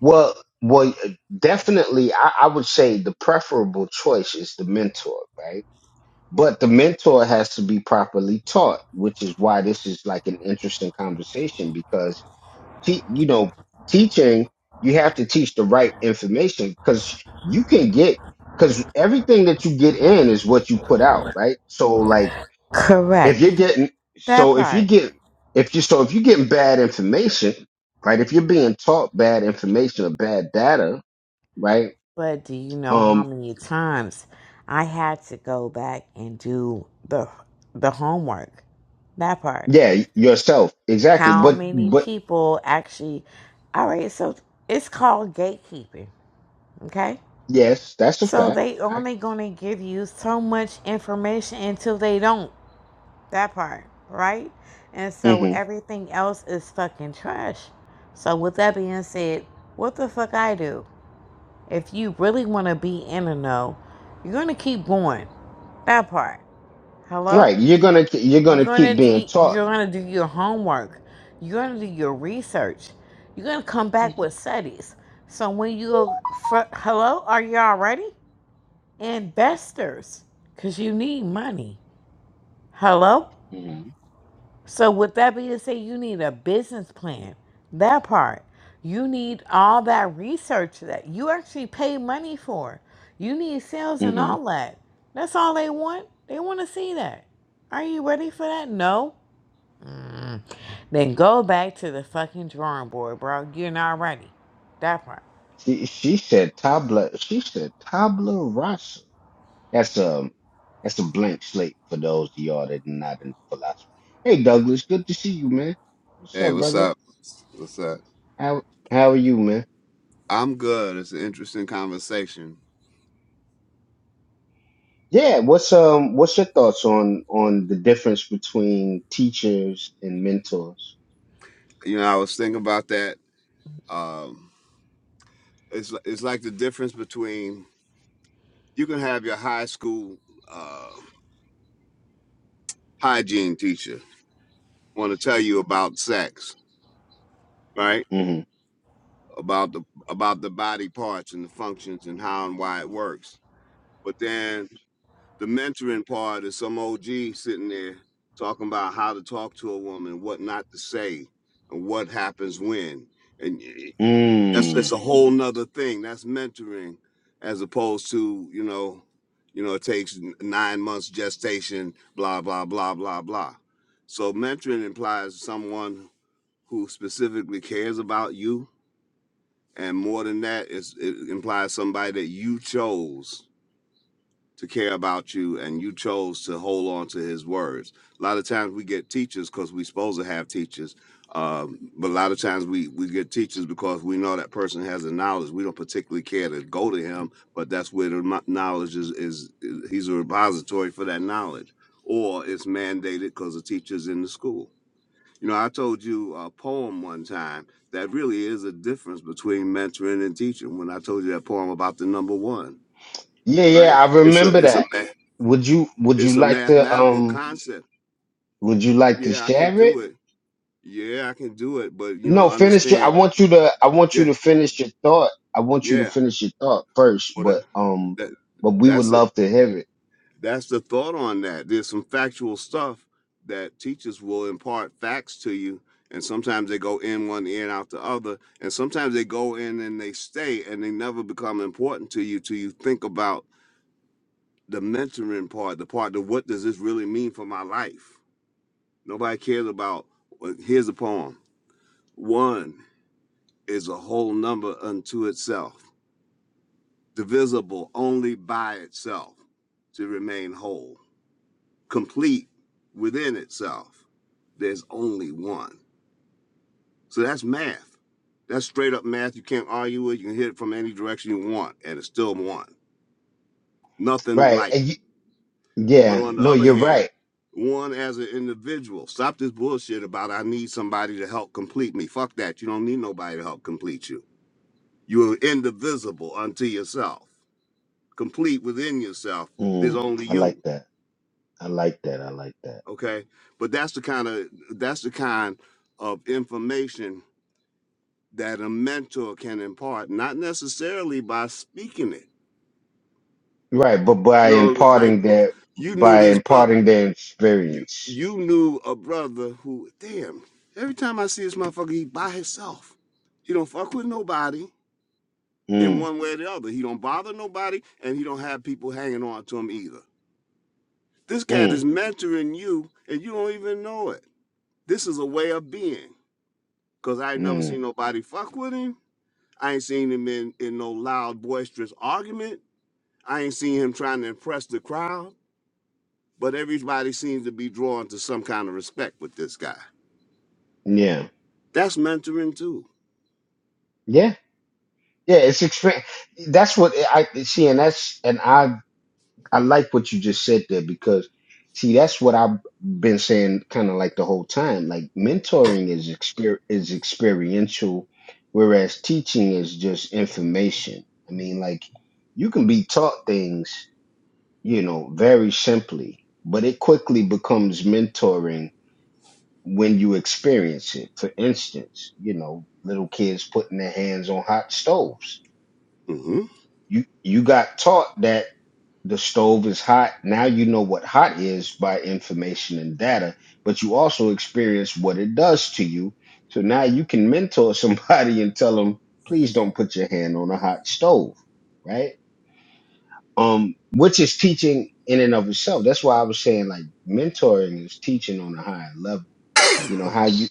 Speaker 2: Well, well, definitely, I, I would say the preferable choice is the mentor, right? But the mentor has to be properly taught, which is why this is like an interesting conversation because te- you know, teaching you have to teach the right information because you can get because everything that you get in is what you put out, right? So like if you're
Speaker 1: Correct.
Speaker 2: getting
Speaker 1: That
Speaker 2: so if you
Speaker 1: part.
Speaker 2: get if you so if you're getting bad information right if you're being taught bad information or bad data right
Speaker 1: But do you know how
Speaker 2: um
Speaker 1: many times I had to go back and do the the homework? That part.
Speaker 2: yeah yourself exactly
Speaker 1: How
Speaker 2: but
Speaker 1: many
Speaker 2: but
Speaker 1: people actually all right, so it's called gatekeeping, okay?
Speaker 2: yes that's a
Speaker 1: So
Speaker 2: fact
Speaker 1: they
Speaker 2: I,
Speaker 1: only gonna give you so much information until they don't. That part, right? And so
Speaker 2: mhm.
Speaker 1: everything else is fucking trash. So with that being said, what the fuck I do? If you really want to be in the know, you're gonna keep going. That part. Hello?
Speaker 2: right you're gonna ke- you're
Speaker 1: You're
Speaker 2: gonna
Speaker 1: gonna
Speaker 2: keep being
Speaker 1: do.
Speaker 2: taught
Speaker 1: You're gonna do your homework. You're gonna do your research. You're gonna come back with studies. So when you go, for, hello, are you all ready? Investors, cause you need money. Hello?
Speaker 2: hmm
Speaker 1: So with that being said, you need a business plan. That part. You need all that research that you actually pay money for. You need sales and
Speaker 2: hmm
Speaker 1: all that. That's all they want. They want to see that. Are you ready for that? No. Mm. Then go back to the fucking drawing board, bro. You're not ready. That part.
Speaker 2: she she said tabla she said tabla rasa that's a that's a blank slate for those of y'all that are not in philosophy hey Douglas good to see you man what's up brother How how are you, man? Yeah, what's um what's your thoughts on on the difference between teachers and mentors? hmm Mm. Yeah, yeah, I remember that. Would you would you like to um would you like to share it? No, finish your I want you to I want you to finish your thought. I want you to finish your thought first, but um but we would love to hear it. Right. And you, yeah, no, you're right. Mm, I like that. I like that. I like that. Right, but by imparting their by imparting their experience. Mm, mm, mm. Yeah. Yeah. Yeah, it's experience. That's what I see, and that's and I I like what you just said there because see that's what I've been saying kind of like the whole time. Like mentoring is exper is experiential, whereas teaching is just information. I mean, like you can be taught things you know, very simply, but it quickly becomes mentoring when you experience it. For instance, you know, little kids putting their hands on hot stoves. You you got taught that the stove is hot. Now you know what hot is by information and data, but you also experience what it does to you. So now you can mentor somebody and tell them, please don't put your hand on a hot stove, right? um, which is teaching in and of itself. That's why I was saying like mentoring is teaching on a higher level. You know how you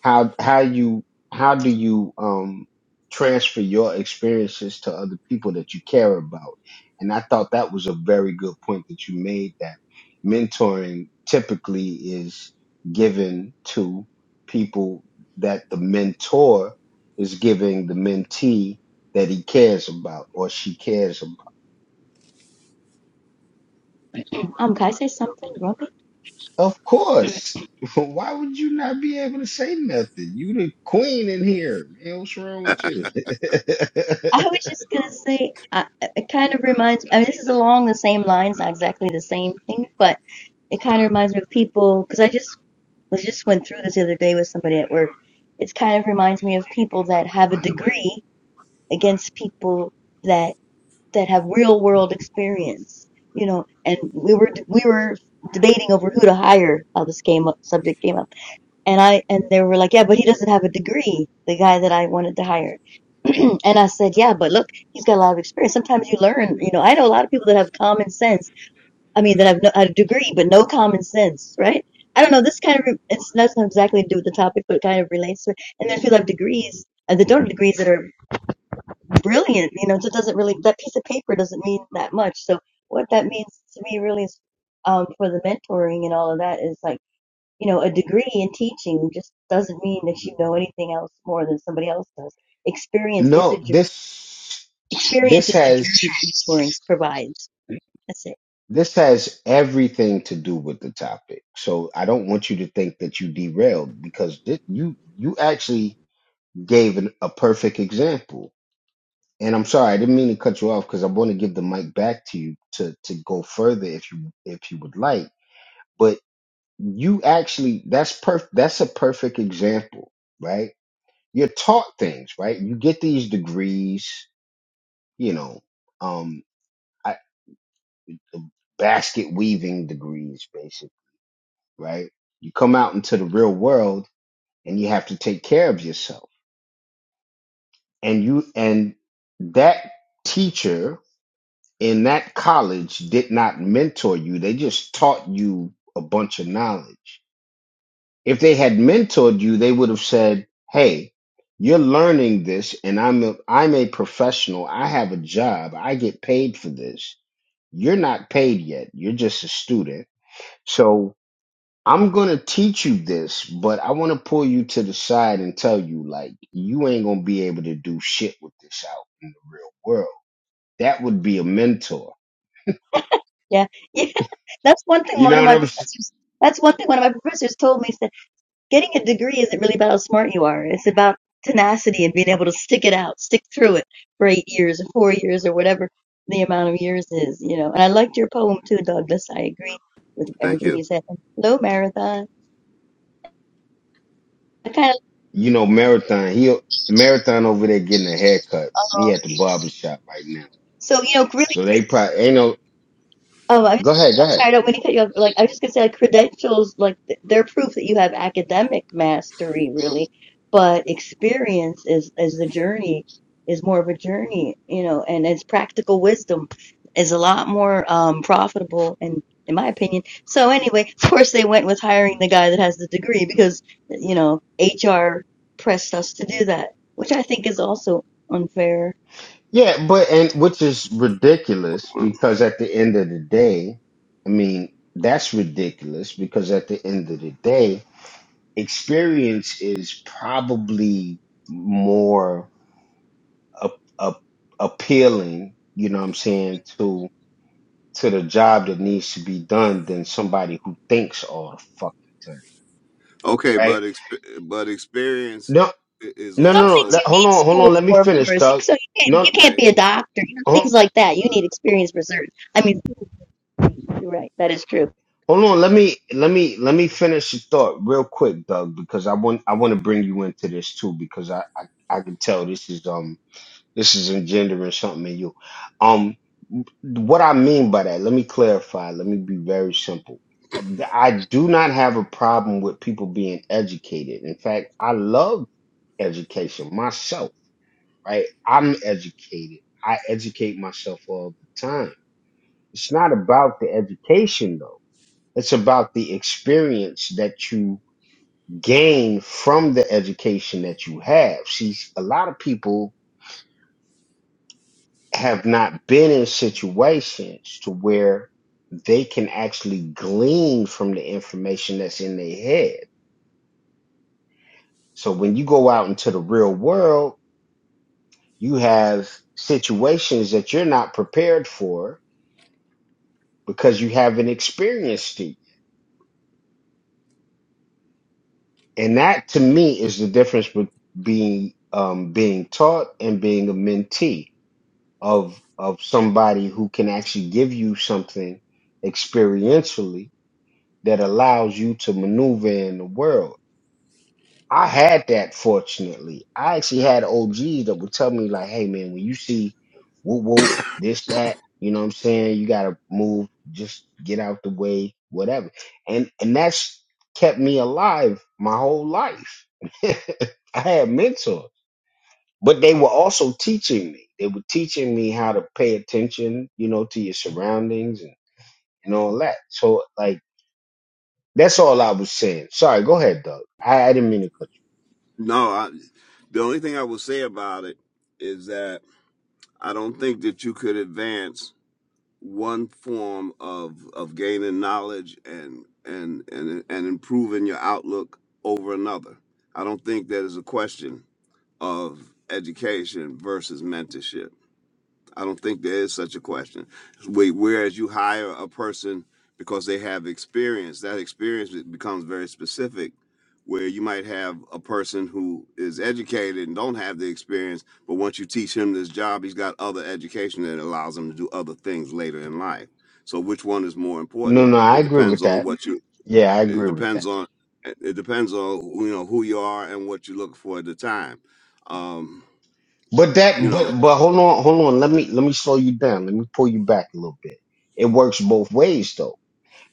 Speaker 2: how how you how do you um transfer your experiences to other people that you care about? And I thought that was a very good point that you made that mentoring typically is given to people that the mentor is giving the mentee that he cares about or she cares about
Speaker 5: Um, can I say something, Grumpy?
Speaker 2: Of course. Why would you not be able to say nothing? You the queen in here. Man, what's wrong with you?
Speaker 5: I was just gonna say, uh, it kind of reminds. I mean, this is along the same lines, not exactly the same thing, but it kind of reminds me of people because I just was just went through this the other day with somebody at work. It kind of reminds me of people that have a degree against people that that have real world experience, you know. And we were we were debating over who to hire. How this came up, subject came up And I and they were like, "Yeah, but he doesn't have a degree." The guy that I wanted to hire, and I said, "Yeah, but look, he's got a lot of experience. Sometimes you learn. You know, I know a lot of people that have common sense. I mean, that have no, a degree but no common sense, right? I don't know. This kind of re- it's not exactly to do with the topic, but it kind of relates to it. And there's people that have degrees and that don't have degrees that are brilliant. You know, so it doesn't really that piece of paper doesn't mean that much. So what that means to me really is, um, for the mentoring and all of that is like you know, a degree in teaching just doesn't mean that you know anything else more than somebody else does. Experience is a
Speaker 2: no,
Speaker 5: ju-
Speaker 2: this
Speaker 5: experience
Speaker 2: this
Speaker 5: is the
Speaker 2: has
Speaker 5: juice mentoring provides. That's it.
Speaker 2: this has everything to do with the topic. So I don't want you to think that you derailed because thi- you you actually gave an, a perfect example. And I'm sorry, I didn't mean to cut you off because I want to give the mic back to you to to go further if you if you would like. you actually that's perf that's a perfect example right you're taught things right you get these degrees you know um I, basket weaving degrees basically right you come out into the real world and you have to take care of yourself and you and that teacher in that college did not mentor you they just taught you a bunch of knowledge If they had mentored you, they would have said, "Hey, you're learning this, and I'm a, I'm a professional. I have a job. I get paid for this. You're not paid yet. You're just a student. So I'm gonna teach you this, but I want to pull you to the side and tell you, like, you ain't gonna be able to do shit with this out in the real world. That would be a mentor.
Speaker 5: Yeah, yeah. That's one thing.
Speaker 2: You
Speaker 5: One
Speaker 2: know
Speaker 5: of
Speaker 2: what
Speaker 5: my
Speaker 2: I'm? saying?
Speaker 5: professors. That's one thing. One of my professors told me is that getting a degree isn't really about how smart you are. It's about tenacity and being able to stick it out, stick through it for eight years or four years or whatever the amount of years is. You know. And I liked your poem too, Douglas. I agree with everything you said. Hello, marathon. I kind of.
Speaker 2: You know, marathon. He marathon over there getting a haircut. He at the
Speaker 5: Oh,
Speaker 2: barber shop right now.
Speaker 5: So, you know, really,
Speaker 2: So they probably ain't no.
Speaker 5: oh, I
Speaker 2: Go
Speaker 5: was,
Speaker 2: ahead, go
Speaker 5: I'm
Speaker 2: ahead.
Speaker 5: sorry, I don't mean to cut you off. Like, I was just gonna say, like, credentials, like, th- they're proof that you have academic mastery, really. But experience is, is the journey, is more of a journey, you know, and it's practical wisdom is a lot more um, profitable, and in my opinion. So anyway, of course, they went with hiring the guy that has the degree because, you know, HR pressed us to do that, which I think is also unfair
Speaker 2: Yeah, but and which is ridiculous because at the end of the day, I mean that's ridiculous because at the end of the day, experience is probably more up, up, appealing. You know what I'm saying to to the job that needs to be done than somebody who thinks all the fucking time, right? No, no,
Speaker 5: Some
Speaker 2: no, no.
Speaker 5: things you
Speaker 2: Let, hold
Speaker 5: need
Speaker 2: on, hold on.
Speaker 5: school
Speaker 2: Let me
Speaker 5: for, of
Speaker 2: finish,
Speaker 5: course. You-
Speaker 2: Doug.
Speaker 5: So you can't
Speaker 2: No,
Speaker 5: you can't be a doctor, you know,
Speaker 2: hold,
Speaker 5: things like that. You need experience for certain. I mean, you're right. That is true.
Speaker 2: Hold on, let me let me let me finish the thought real quick, Doug, because I want I want to bring you into this too, because I, I I can tell this is um this is engendering something in you. Um, what I mean by that, let me clarify. Let me be very simple. I do not have a problem with people being educated. In fact, I love education myself. Right, I'm educated. I educate myself all the time. It's not about the education though it's about the experience that you gain from the education that you have. See, a lot of people have not been in situations to where they can actually glean from the information that's in their head. So when you go out into the real world, you have situations that you're not prepared for because you haven't experienced it. And that to me is the difference between being um, being taught and being a mentee of of somebody who can actually give you something experientially that allows you to maneuver in the world. I had that fortunately. I actually had OGs that would tell me like, hey man, when you see whoop whoop, this, that, you know what I'm saying, you gotta move, just get out the way, whatever. And and that's kept me alive my whole life. I had mentors but they were also teaching me. They were teaching me how to pay attention, you know, to your surroundings and, and all that. So like that's all I was saying. Sorry, go ahead, Doug. I, I didn't mean to cut you. No, no, I agree with that. Yeah, I agree with that. But that but but hold on, hold on. Let me let me slow you down. Let me pull you back a little bit. It works both ways though.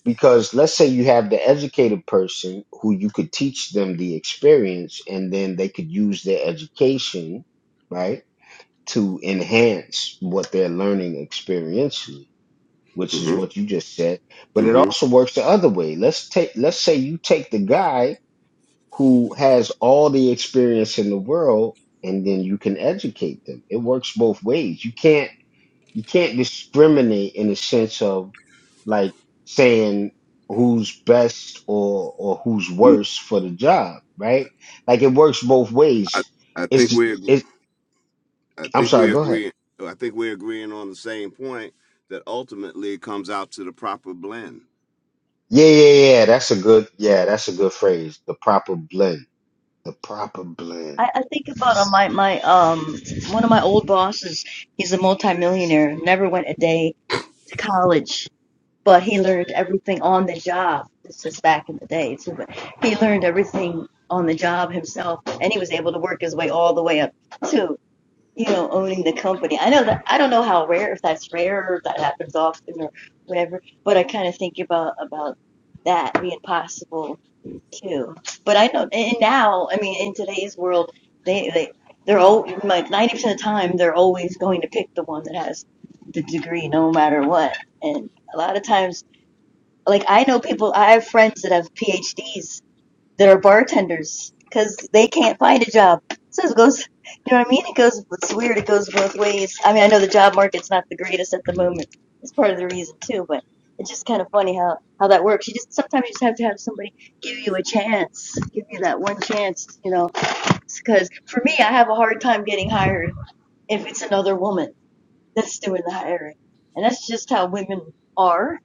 Speaker 2: Because let's say you have the educated person who you could teach them the experience and then they could use their education, right? to enhance what they're learning experientially, which is what you just said. But it also works the other way. Let's take let's say you take the guy who has all the experience in the world and then you can educate them. It works both ways. You can't you can't discriminate in the sense of like saying who's best or or who's worse for the job, right? Like it works both ways. It's it I'm sorry, go ahead. Yeah, yeah, yeah. That's a good yeah, that's a good phrase. The proper blend. The proper blend.
Speaker 5: I, I think about uh, my my um one of my old bosses. He's a multimillionaire. Never went a day to college, but he learned everything on the job. This is back in the day too, but he learned everything on the job himself, and he was able to work his way all the way up too. you know, owning the company. I know that I don't know how rare, if that's rare or if that happens often or whatever, but I kind of think about about that being possible too. But I know, and now, I mean, in today's world, they they they're all like ninety percent of the time they're always going to pick the one that has the degree, no matter what. And a lot of times, like I know people, I have friends that have PhDs that are bartenders because they can't find a job. So it goes, you know what I mean? It goes, it's weird. It goes both ways. I mean, I know the job market's not the greatest at the moment. It's part of the reason too, but it's just kind of funny how, how that works. You just, sometimes you just have to have somebody give you a chance, give you that one chance, you know, because for me, I have a hard time getting hired if it's another woman that's doing the hiring. And that's just how women are.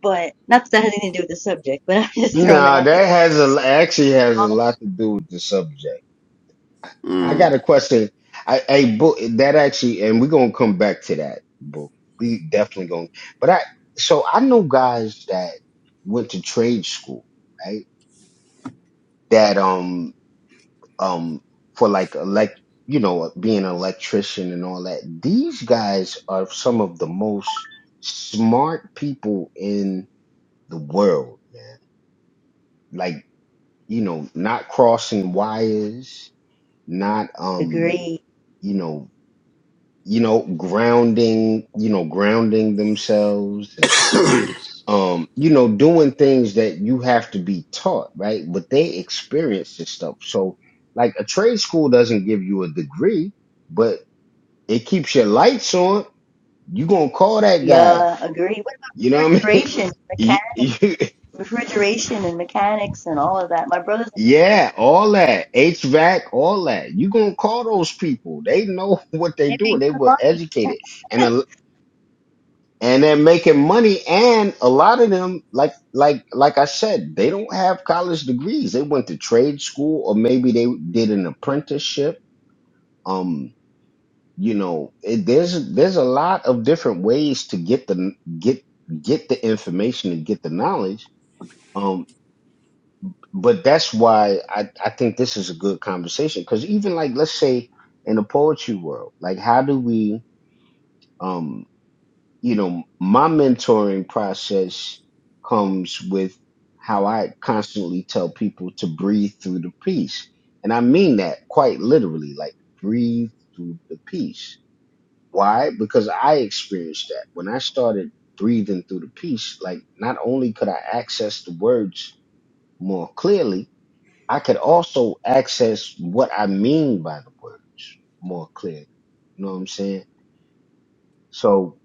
Speaker 5: But not that that has anything to do with the subject, but I'm just throwing that
Speaker 2: No,
Speaker 5: out
Speaker 2: that
Speaker 5: there.
Speaker 2: has a actually has a
Speaker 5: I'll
Speaker 2: lot to do with the subject. I got a question. I hey Boo, that actually and we're gonna come back to that, Boo. We definitely gonna but I so I know guys that went to trade school, right? That um um for like elect you know being an electrician and all that these guys are some of the most smart people in the world man like you know not crossing wires not um
Speaker 5: Agree.
Speaker 2: you know you know grounding you know grounding themselves and um you know doing things that you have to be taught right but they experience this stuff so like a trade school doesn't give you a degree but It keeps your lights on. You gonna call that guy?
Speaker 5: Yeah, agree. What
Speaker 2: You
Speaker 5: about
Speaker 2: know what I mean?
Speaker 5: refrigeration, mechan
Speaker 2: You- you-
Speaker 5: refrigeration and mechanics and all of that? My brothers,
Speaker 2: yeah, all that HVAC, all that. You gonna call those people? They know what they
Speaker 5: they make
Speaker 2: doing. They
Speaker 5: good
Speaker 2: were
Speaker 5: money.
Speaker 2: educated, and a, and they're making money. And a lot of them, like like like I said, they don't have college degrees. They went to trade school, or maybe they did an apprenticeship. Um, you know it, there's there's a lot of different ways to get the get get the information and get the knowledge um but that's why i i think this is a good conversation because even like let's say in the poetry world like how do we um you know my mentoring process comes with how i constantly tell people to breathe through the piece and i mean that quite literally like breathe through the piece Why? Because I experienced that. When I started breathing through the piece, like not only could I access the words more clearly, I could also access what I mean by the words more clearly. You know what I'm saying? So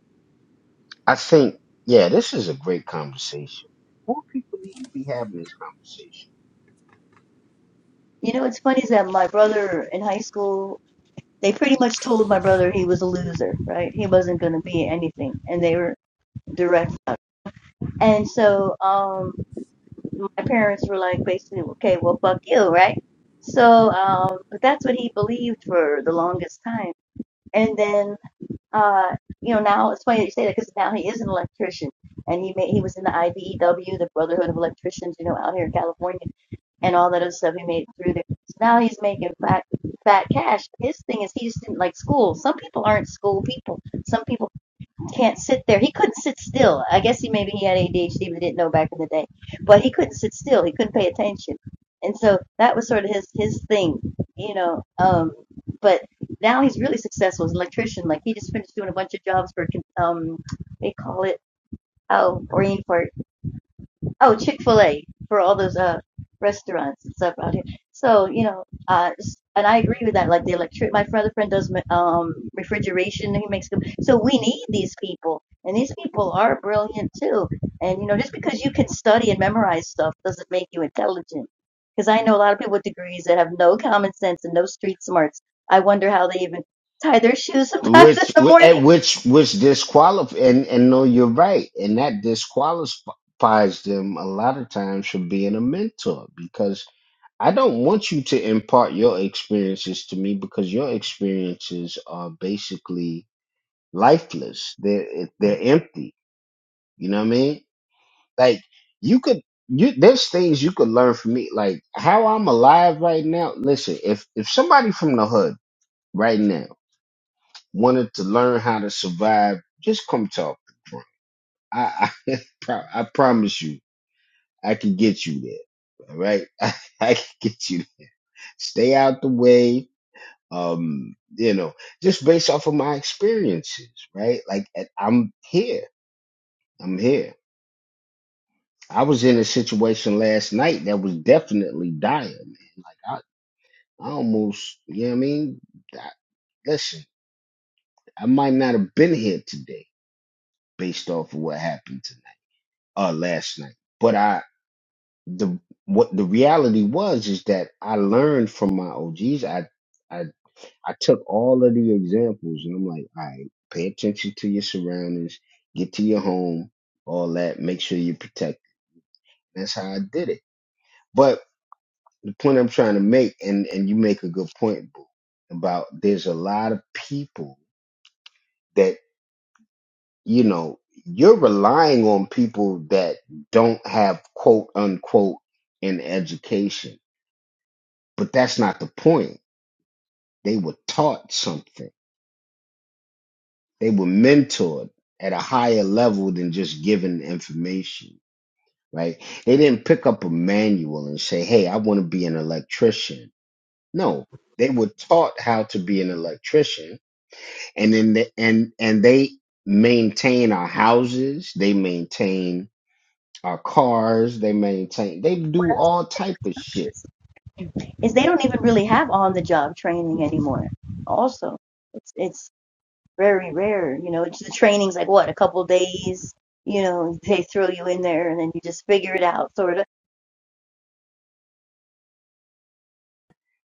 Speaker 2: I think, yeah, this is a great conversation. More people need to be having this conversation.
Speaker 5: You know, what's funny is that my brother in high school, they pretty much told my brother he was a loser, right? He wasn't going to be anything, and they were direct about it. And so, um, my parents were like, basically, okay, well, fuck you, right? So, um, but that's what he believed for the longest time. And then uh, you know, now it's funny that you say that because now he is an electrician, and he made he was in the IBEW, the Brotherhood of Electricians, you know, out here in California, and all that other stuff he made it through there. So now he's making fat fat cash. His thing is he just didn't like school. Some people aren't school people. Some people can't sit there. He couldn't sit still. I guess he maybe he had ADHD, but didn't know back in the day. But he couldn't sit still. He couldn't pay attention, and so that was sort of his his thing, you know. Um, but now he's really successful as an electrician. Like he just finished doing a bunch of jobs for um, they call it oh Oriental oh chick-fil-a for all those uh restaurants and stuff out here so you know uh and i agree with that like the electric my friend, friend does um refrigeration he makes them so we need these people and these people are brilliant too and you know just because you can study and memorize stuff doesn't make you intelligent because i know a lot of people with degrees that have no common sense and no street smarts i wonder how they even tie their shoes sometimes in
Speaker 2: Which,
Speaker 5: the
Speaker 2: whi-
Speaker 5: morning
Speaker 2: and which, which disqualify, and, and no, you're right. And that disqualifies them a lot of times from being a mentor because I don't want you to impart your experiences to me because your experiences are basically lifeless. They're they're empty. You know what I mean? Like you could you there's things you could learn from me. Like how I'm alive right now. Listen, if if somebody from the hood right now wanted to learn how to survive, just come talk to Trump. I I, pro- I promise you, I can get you there. All right, I, I can get you there. Stay out the way um you know just based off of my experiences right like I- i'm here i'm here i was in a situation last night that was definitely dire man like i, I almost you know what i mean I, listen i might not have been here today based off of what happened tonight uh last night but i the what the reality was is that i learned from my og's i I I took all of the examples and I'm like, all right, pay attention to your surroundings, get to your home, all that, make sure you're protected. That's how I did it. But the point I'm trying to make, and, and you make a good point, Boo, about there's a lot of people that, you know, you're relying on people that don't have quote unquote an education. But that's not the point. They were taught something they were mentored at a higher level than just given information, right? They didn't pick up a manual and say, hey, I want to be an electrician. No, they were taught how to be an electrician and then the, and and they maintain our houses, they maintain our cars, they maintain they do
Speaker 5: What else
Speaker 2: all
Speaker 5: can
Speaker 2: type of
Speaker 5: I
Speaker 2: shit
Speaker 5: say? is they don't even really have on the job training anymore. Also, it's it's very rare. You know, it's the training's like what a couple days. You know, they throw you in there and then you just figure it out, sort of.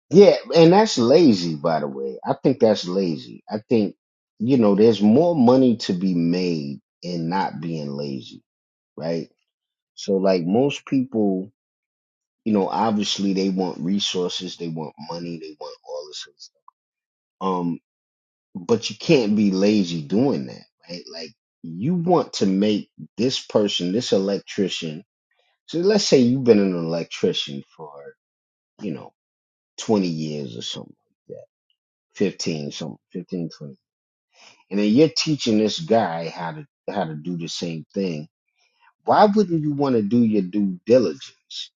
Speaker 2: Yeah, and that's lazy, by the way. I think that's lazy. I think, you know, there's more money to be made in not being lazy, right? So, like most people, you know, obviously they want resources, they want money, they want all this other stuff. Um, but you can't be lazy doing that, right? Like you want to make this person, this electrician. So let's say you've been an electrician for, you know, 20 years or something like that, 15, something, 15, And then you're teaching this guy how to how to do the same thing. Why wouldn't you want to do your due diligence?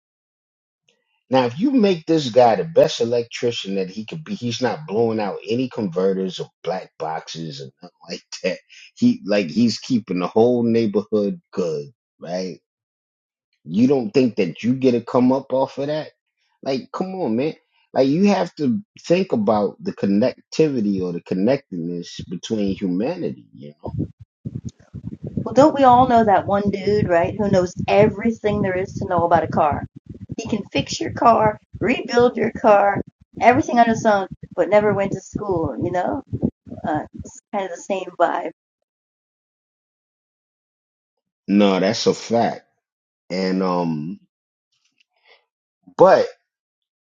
Speaker 2: Now, if you make this guy the best electrician that he could be, he's not blowing out any converters or black boxes and nothing like that. He like he's keeping the whole neighborhood good, right? You don't think that you get a come up off of that? Like, come on, man. Like you have to think about the connectivity or the connectedness between humanity, you know?
Speaker 5: Well, don't we all know that one dude, right, who knows everything there is to know about a car? He can fix your car, rebuild your car, everything under the sun, but never went to school. You know, uh, it's kind of the same vibe.
Speaker 2: No, that's a fact. And um but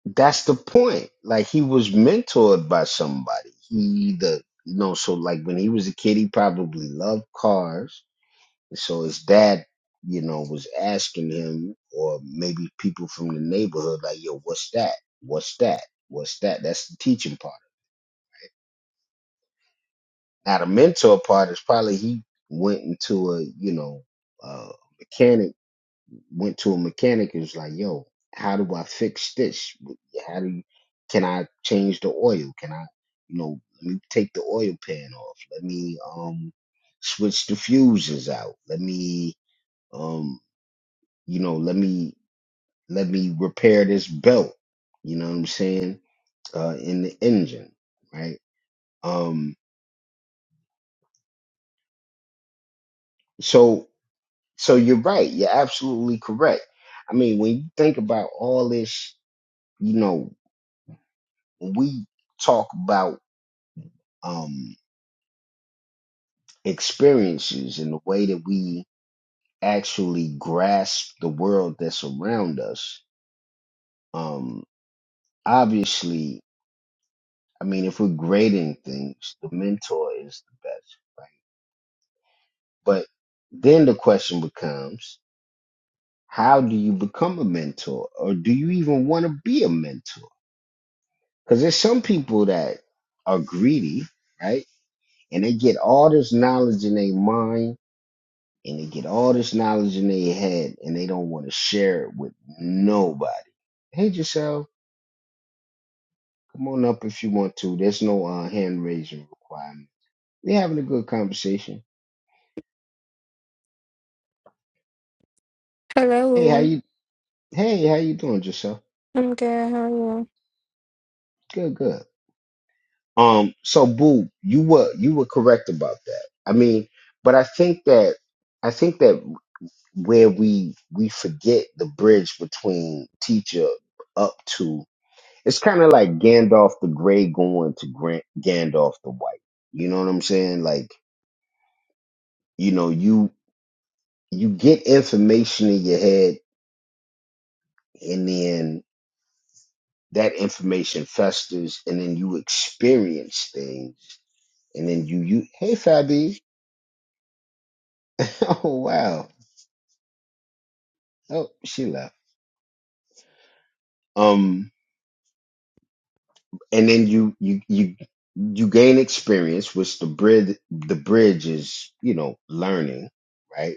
Speaker 2: that's the point. Like he was mentored by somebody. He either you know, so like when he was a kid he probably loved cars. So his dad, you know, was asking him or maybe people from the neighborhood like, yo, what's that? What's that? What's that? That's the teaching part. Now the mentor part is probably he went into a, you know, uh went to a mechanic and was like, "Yo, how do I fix this? How do you, can I change the oil? Can I, you know, let me take the oil pan off. Let me um switch the fuses out. Let me um you know let me let me repair this belt. You know what I'm saying? Uh, in the engine, right? Um, so so you're right. You're absolutely correct. I mean, when you think about all this, you know, when we talk about um, experiences and the way that we actually grasp the world that's around us. Um, obviously, I mean, if we're grading things, the mentor is the best, right? But then the question becomes, how do you become a mentor, or do you even want to be a mentor? Because there's some people that are greedy, right? And they get all this knowledge in their mind and they get all this knowledge in their head and they don't want to share it with nobody. Hey, Giselle, come on up if you want to. There's no uh, hand raising requirement. We're having a good conversation. Hey, how
Speaker 6: Hello,
Speaker 2: you? Hey, how you doing, Giselle?
Speaker 6: I'm good. How are you?
Speaker 2: Good, good. Um, so Boo, you were you were correct about that. I mean, but I think that I think that where we we forget the bridge between teacher up to It's kind of like Gandalf the Grey going to Grant Gandalf the White. You know what I'm saying? Like, you know, you you get information in your head, and then that information festers, and then you experience things, and then you you hey Fabi, oh wow, oh she left. Um, and then you you you you gain experience, which the bridge the bridge is you know learning, right?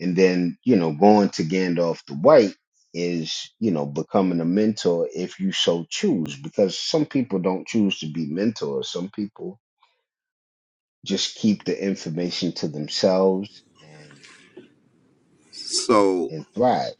Speaker 2: And then, you know, going to Gandalf the White is, you know, becoming a mentor if you so choose, because some people don't choose to be mentors. Some people just keep the information to themselves and and thrive.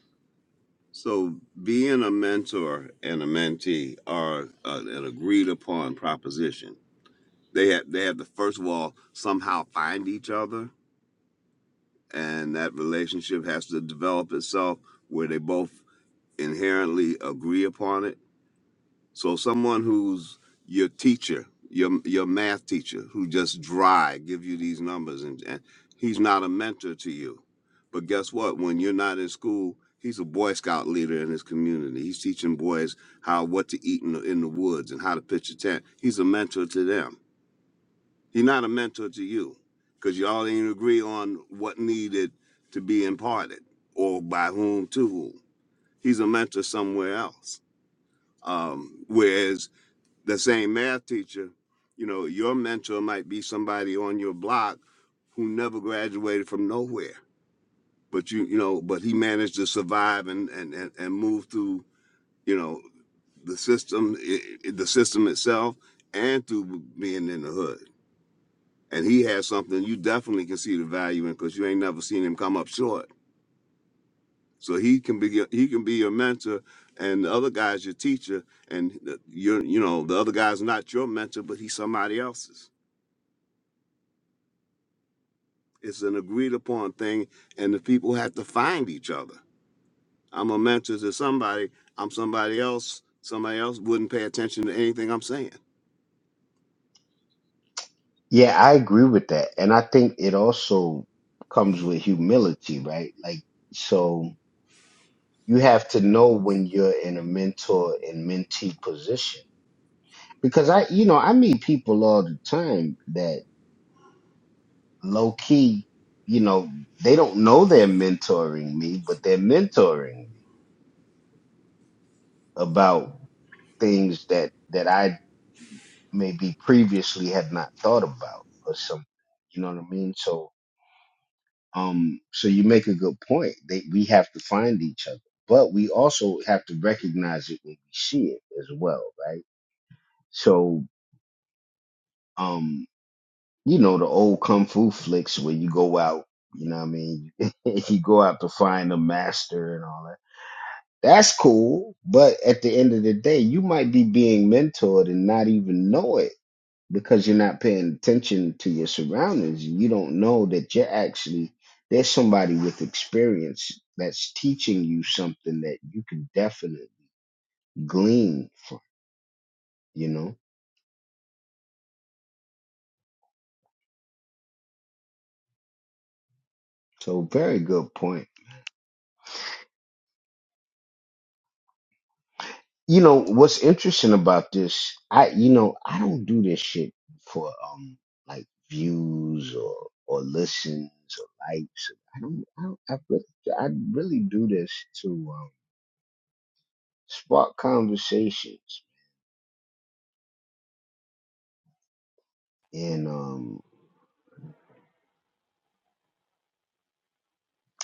Speaker 2: Yeah, I agree with that. And I think it also comes with humility, right? Like so you have to know when you're in a mentor and mentee position. Because I, you know, I meet people all the time that. low key, you know, they don't know they're mentoring me, but they're mentoring me about things that that I maybe previously had not thought about or something. You know what I mean? So um so you make a good point. They we have to find each other. But we also have to recognize it when we see it as well, right? So um, you know, the old kung fu flicks where you go out, you know what I mean? you go out to find a master and all that That's cool, but at the end of the day, you might be being mentored and not even know it because you're not paying attention to your surroundings. You don't know that you're actually there's somebody with experience that's teaching you something that you can definitely glean from, you know? So very good point. You know what's interesting about this? I you know I don't do this shit for um like views or or listens or likes. I don't. I, don't, I really I really do this to um, spark conversations and um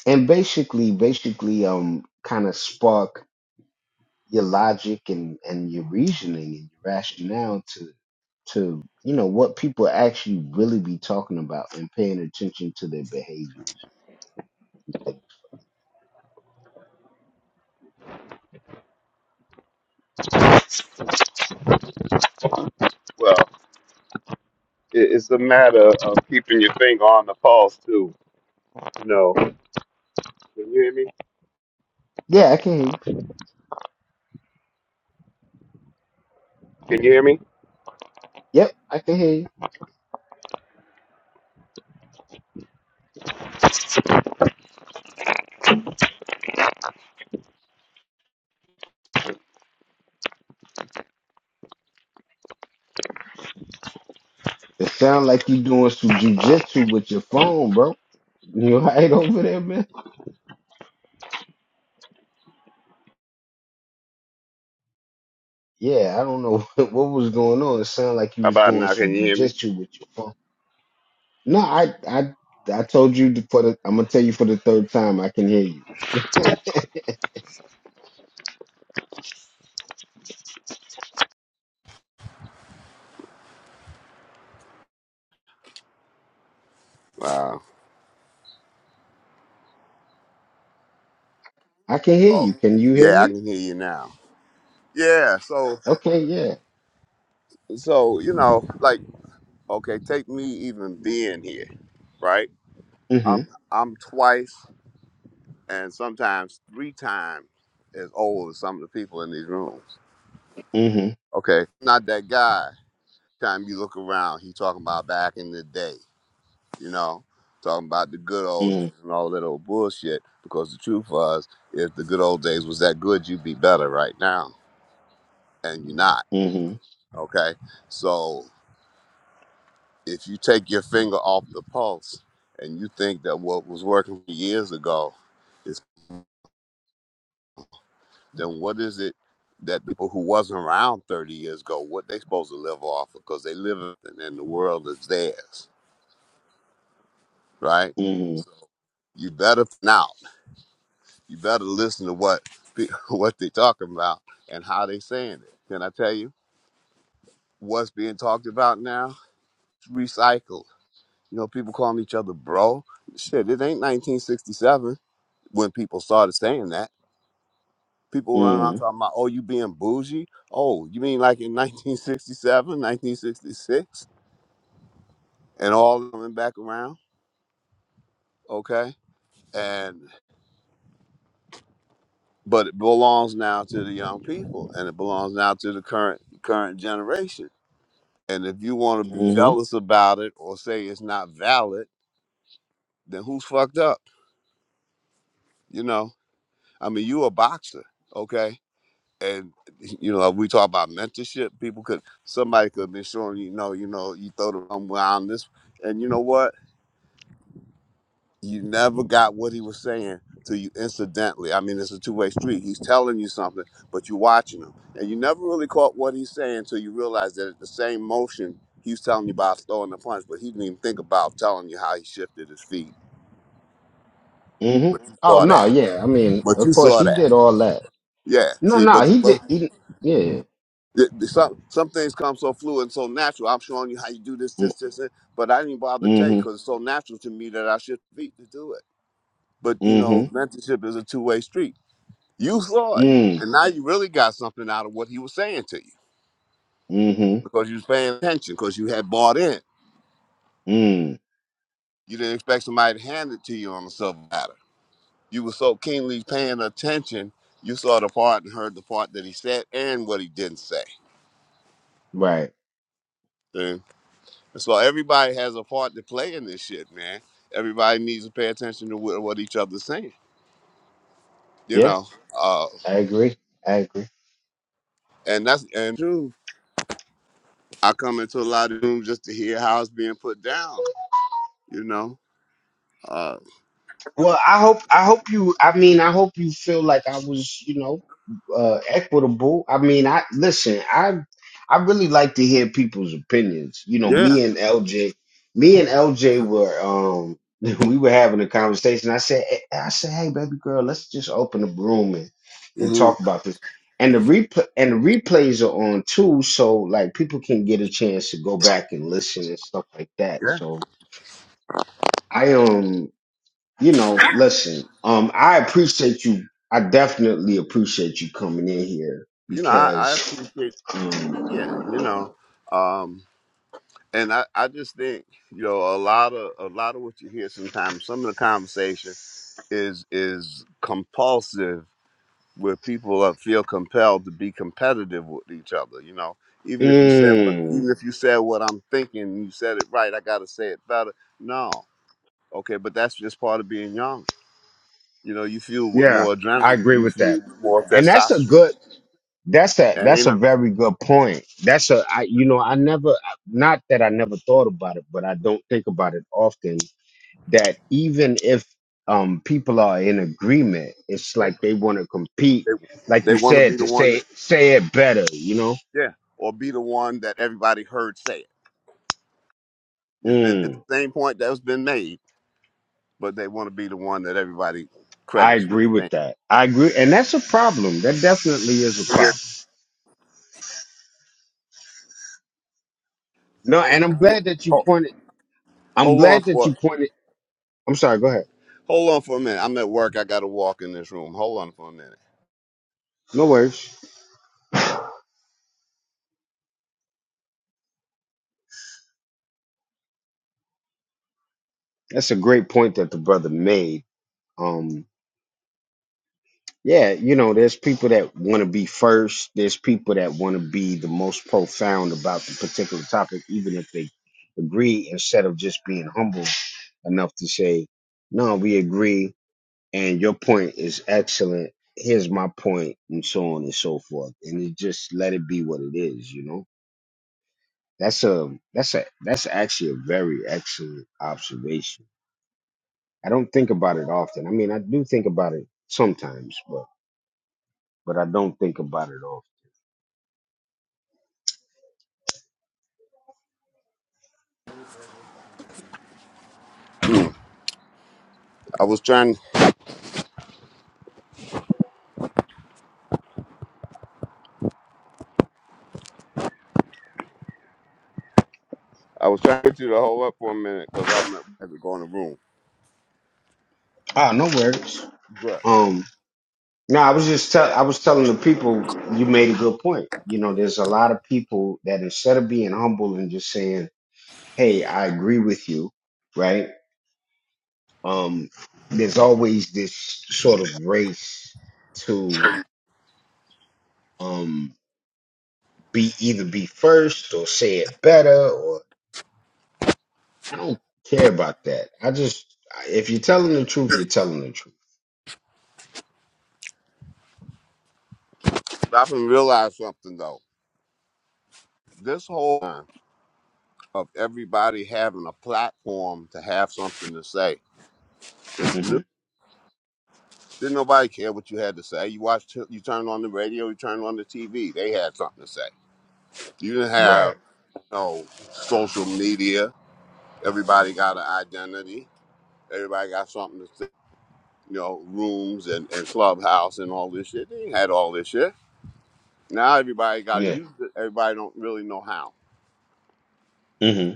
Speaker 2: and basically basically um kind of spark your logic and and your reasoning and your rationale to to you know what people actually really be talking about and paying attention to their behavior
Speaker 7: Well, it, it's a matter of keeping your finger on the pulse too. You know, can you hear me?
Speaker 2: Yeah, I can hear you.
Speaker 7: Can you hear me?
Speaker 2: Yep, I can hear you. It sound like you doing some jujitsu with your phone, bro. You all right over there, man? Yeah, I don't know what was going on. It sounded like you
Speaker 7: How
Speaker 2: was
Speaker 7: about
Speaker 2: doing
Speaker 7: now? Can you
Speaker 2: some
Speaker 7: hear me?
Speaker 2: jujitsu with your phone. No, I, I, I told you the- for the. I'm gonna tell you for the third time. I can hear you. I can hear you. Can you hear me? Okay, yeah. Mhm. Mhm. Mhm. Mhm. Mhm. Mhm. Mhm. Mhm. Oh no, yeah. I mean, of course, he did all that. No, no, he did. He, yeah. Mm, mm-hmm. Mm-hmm. Mm. Mm-hmm. Mm. Right. Yeah. I agree. I agree. Well, I hope I hope you I mean I hope you feel like I was, you know, uh equitable. I mean, I listen, I I really like to hear people's opinions. You know, me and LJ, me and LJ were um we were having a conversation. I said "Hey," I said, "Hey baby girl, let's just open the room and, and talk about this." And the replay and the replays are on too, so like people can get a chance to go back and listen and stuff like that. So I um you know, listen, um, I appreciate you. I definitely appreciate you coming in here because, um, mm, yeah, I agree with that. And that's a good, that's a, that's a very good point. That's a, I, you know, I never, not that I never thought about it, but I don't think about it often that even if, um, people are in agreement, it's like they want to compete. Like you said, to say, say it better, you know? mm. I agree with that. I agree, and that's a problem. That definitely is a problem. No, and I'm glad that you pointed. I'm glad that you pointed. I'm sorry. Go ahead. No worries. That's a great point that the brother made. Um, yeah, you know, there's people that want to be first. There's people that want to be the most profound about the particular topic, even if they agree, instead of just being humble enough to say, "No, we agree." and your point is excellent. Here's my point, and so on and so forth. And it just let it be what it is, you know. That's a that's a that's actually a very excellent observation. I don't think about it often. I mean, I do think about it sometimes, but but I don't think about it often. Ah, no worries. Um, no, I was just tell I was telling the people you made a good point. You know, there's a lot of people that instead of being humble and just saying, "Hey, I agree with you," right? um there's always this sort of race to um be either be first or say it better or I don't care about that. I just if you're telling the truth, you're telling the truth. hmm Right. Yeah. hmm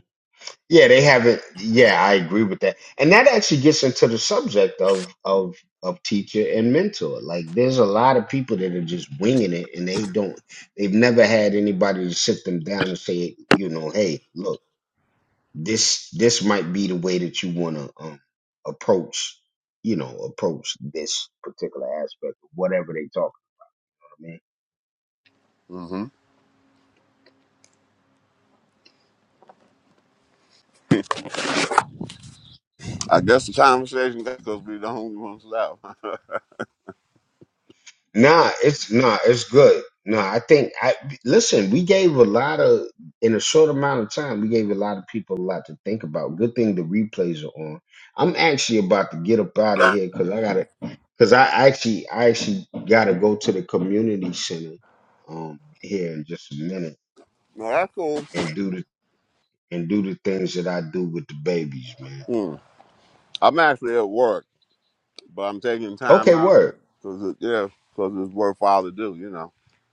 Speaker 2: Yeah, they haven't. Yeah, I agree with that, and that actually gets into the subject of of of teacher and mentor. Like, there's a lot of people that are just winging it, and they don't. They've never had anybody to sit them down and say, you know, hey, look. this this might be the way that you want to um, approach you know approach this particular aspect of whatever they talk about man nah it's nah it's good nah i think i listen we gave a lot of in a short amount of time we gave a lot of people a lot to think about good thing the replays are on i'm actually about to get up out of here because i gotta because i actually i actually gotta go to the community center um here in just a minute and do the and do the things that I do with the babies, man. Okay, word.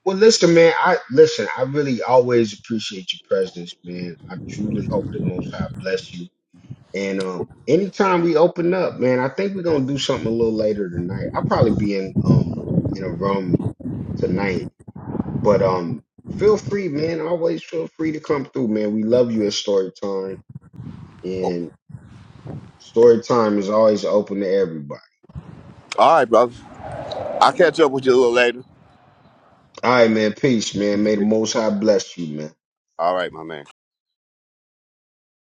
Speaker 2: Well, listen, man. I listen. I really always appreciate your presence, man. I truly hope the Most High bless you. And um, anytime we open up, man, I think we're gonna do something a little later tonight. I'll probably be in um in a room tonight, but um, feel free, man. Always feel free to come through, man. We love you at Story Time, and Story Time is always open to everybody. All right, man. Peace, man. May the Most High bless you, man.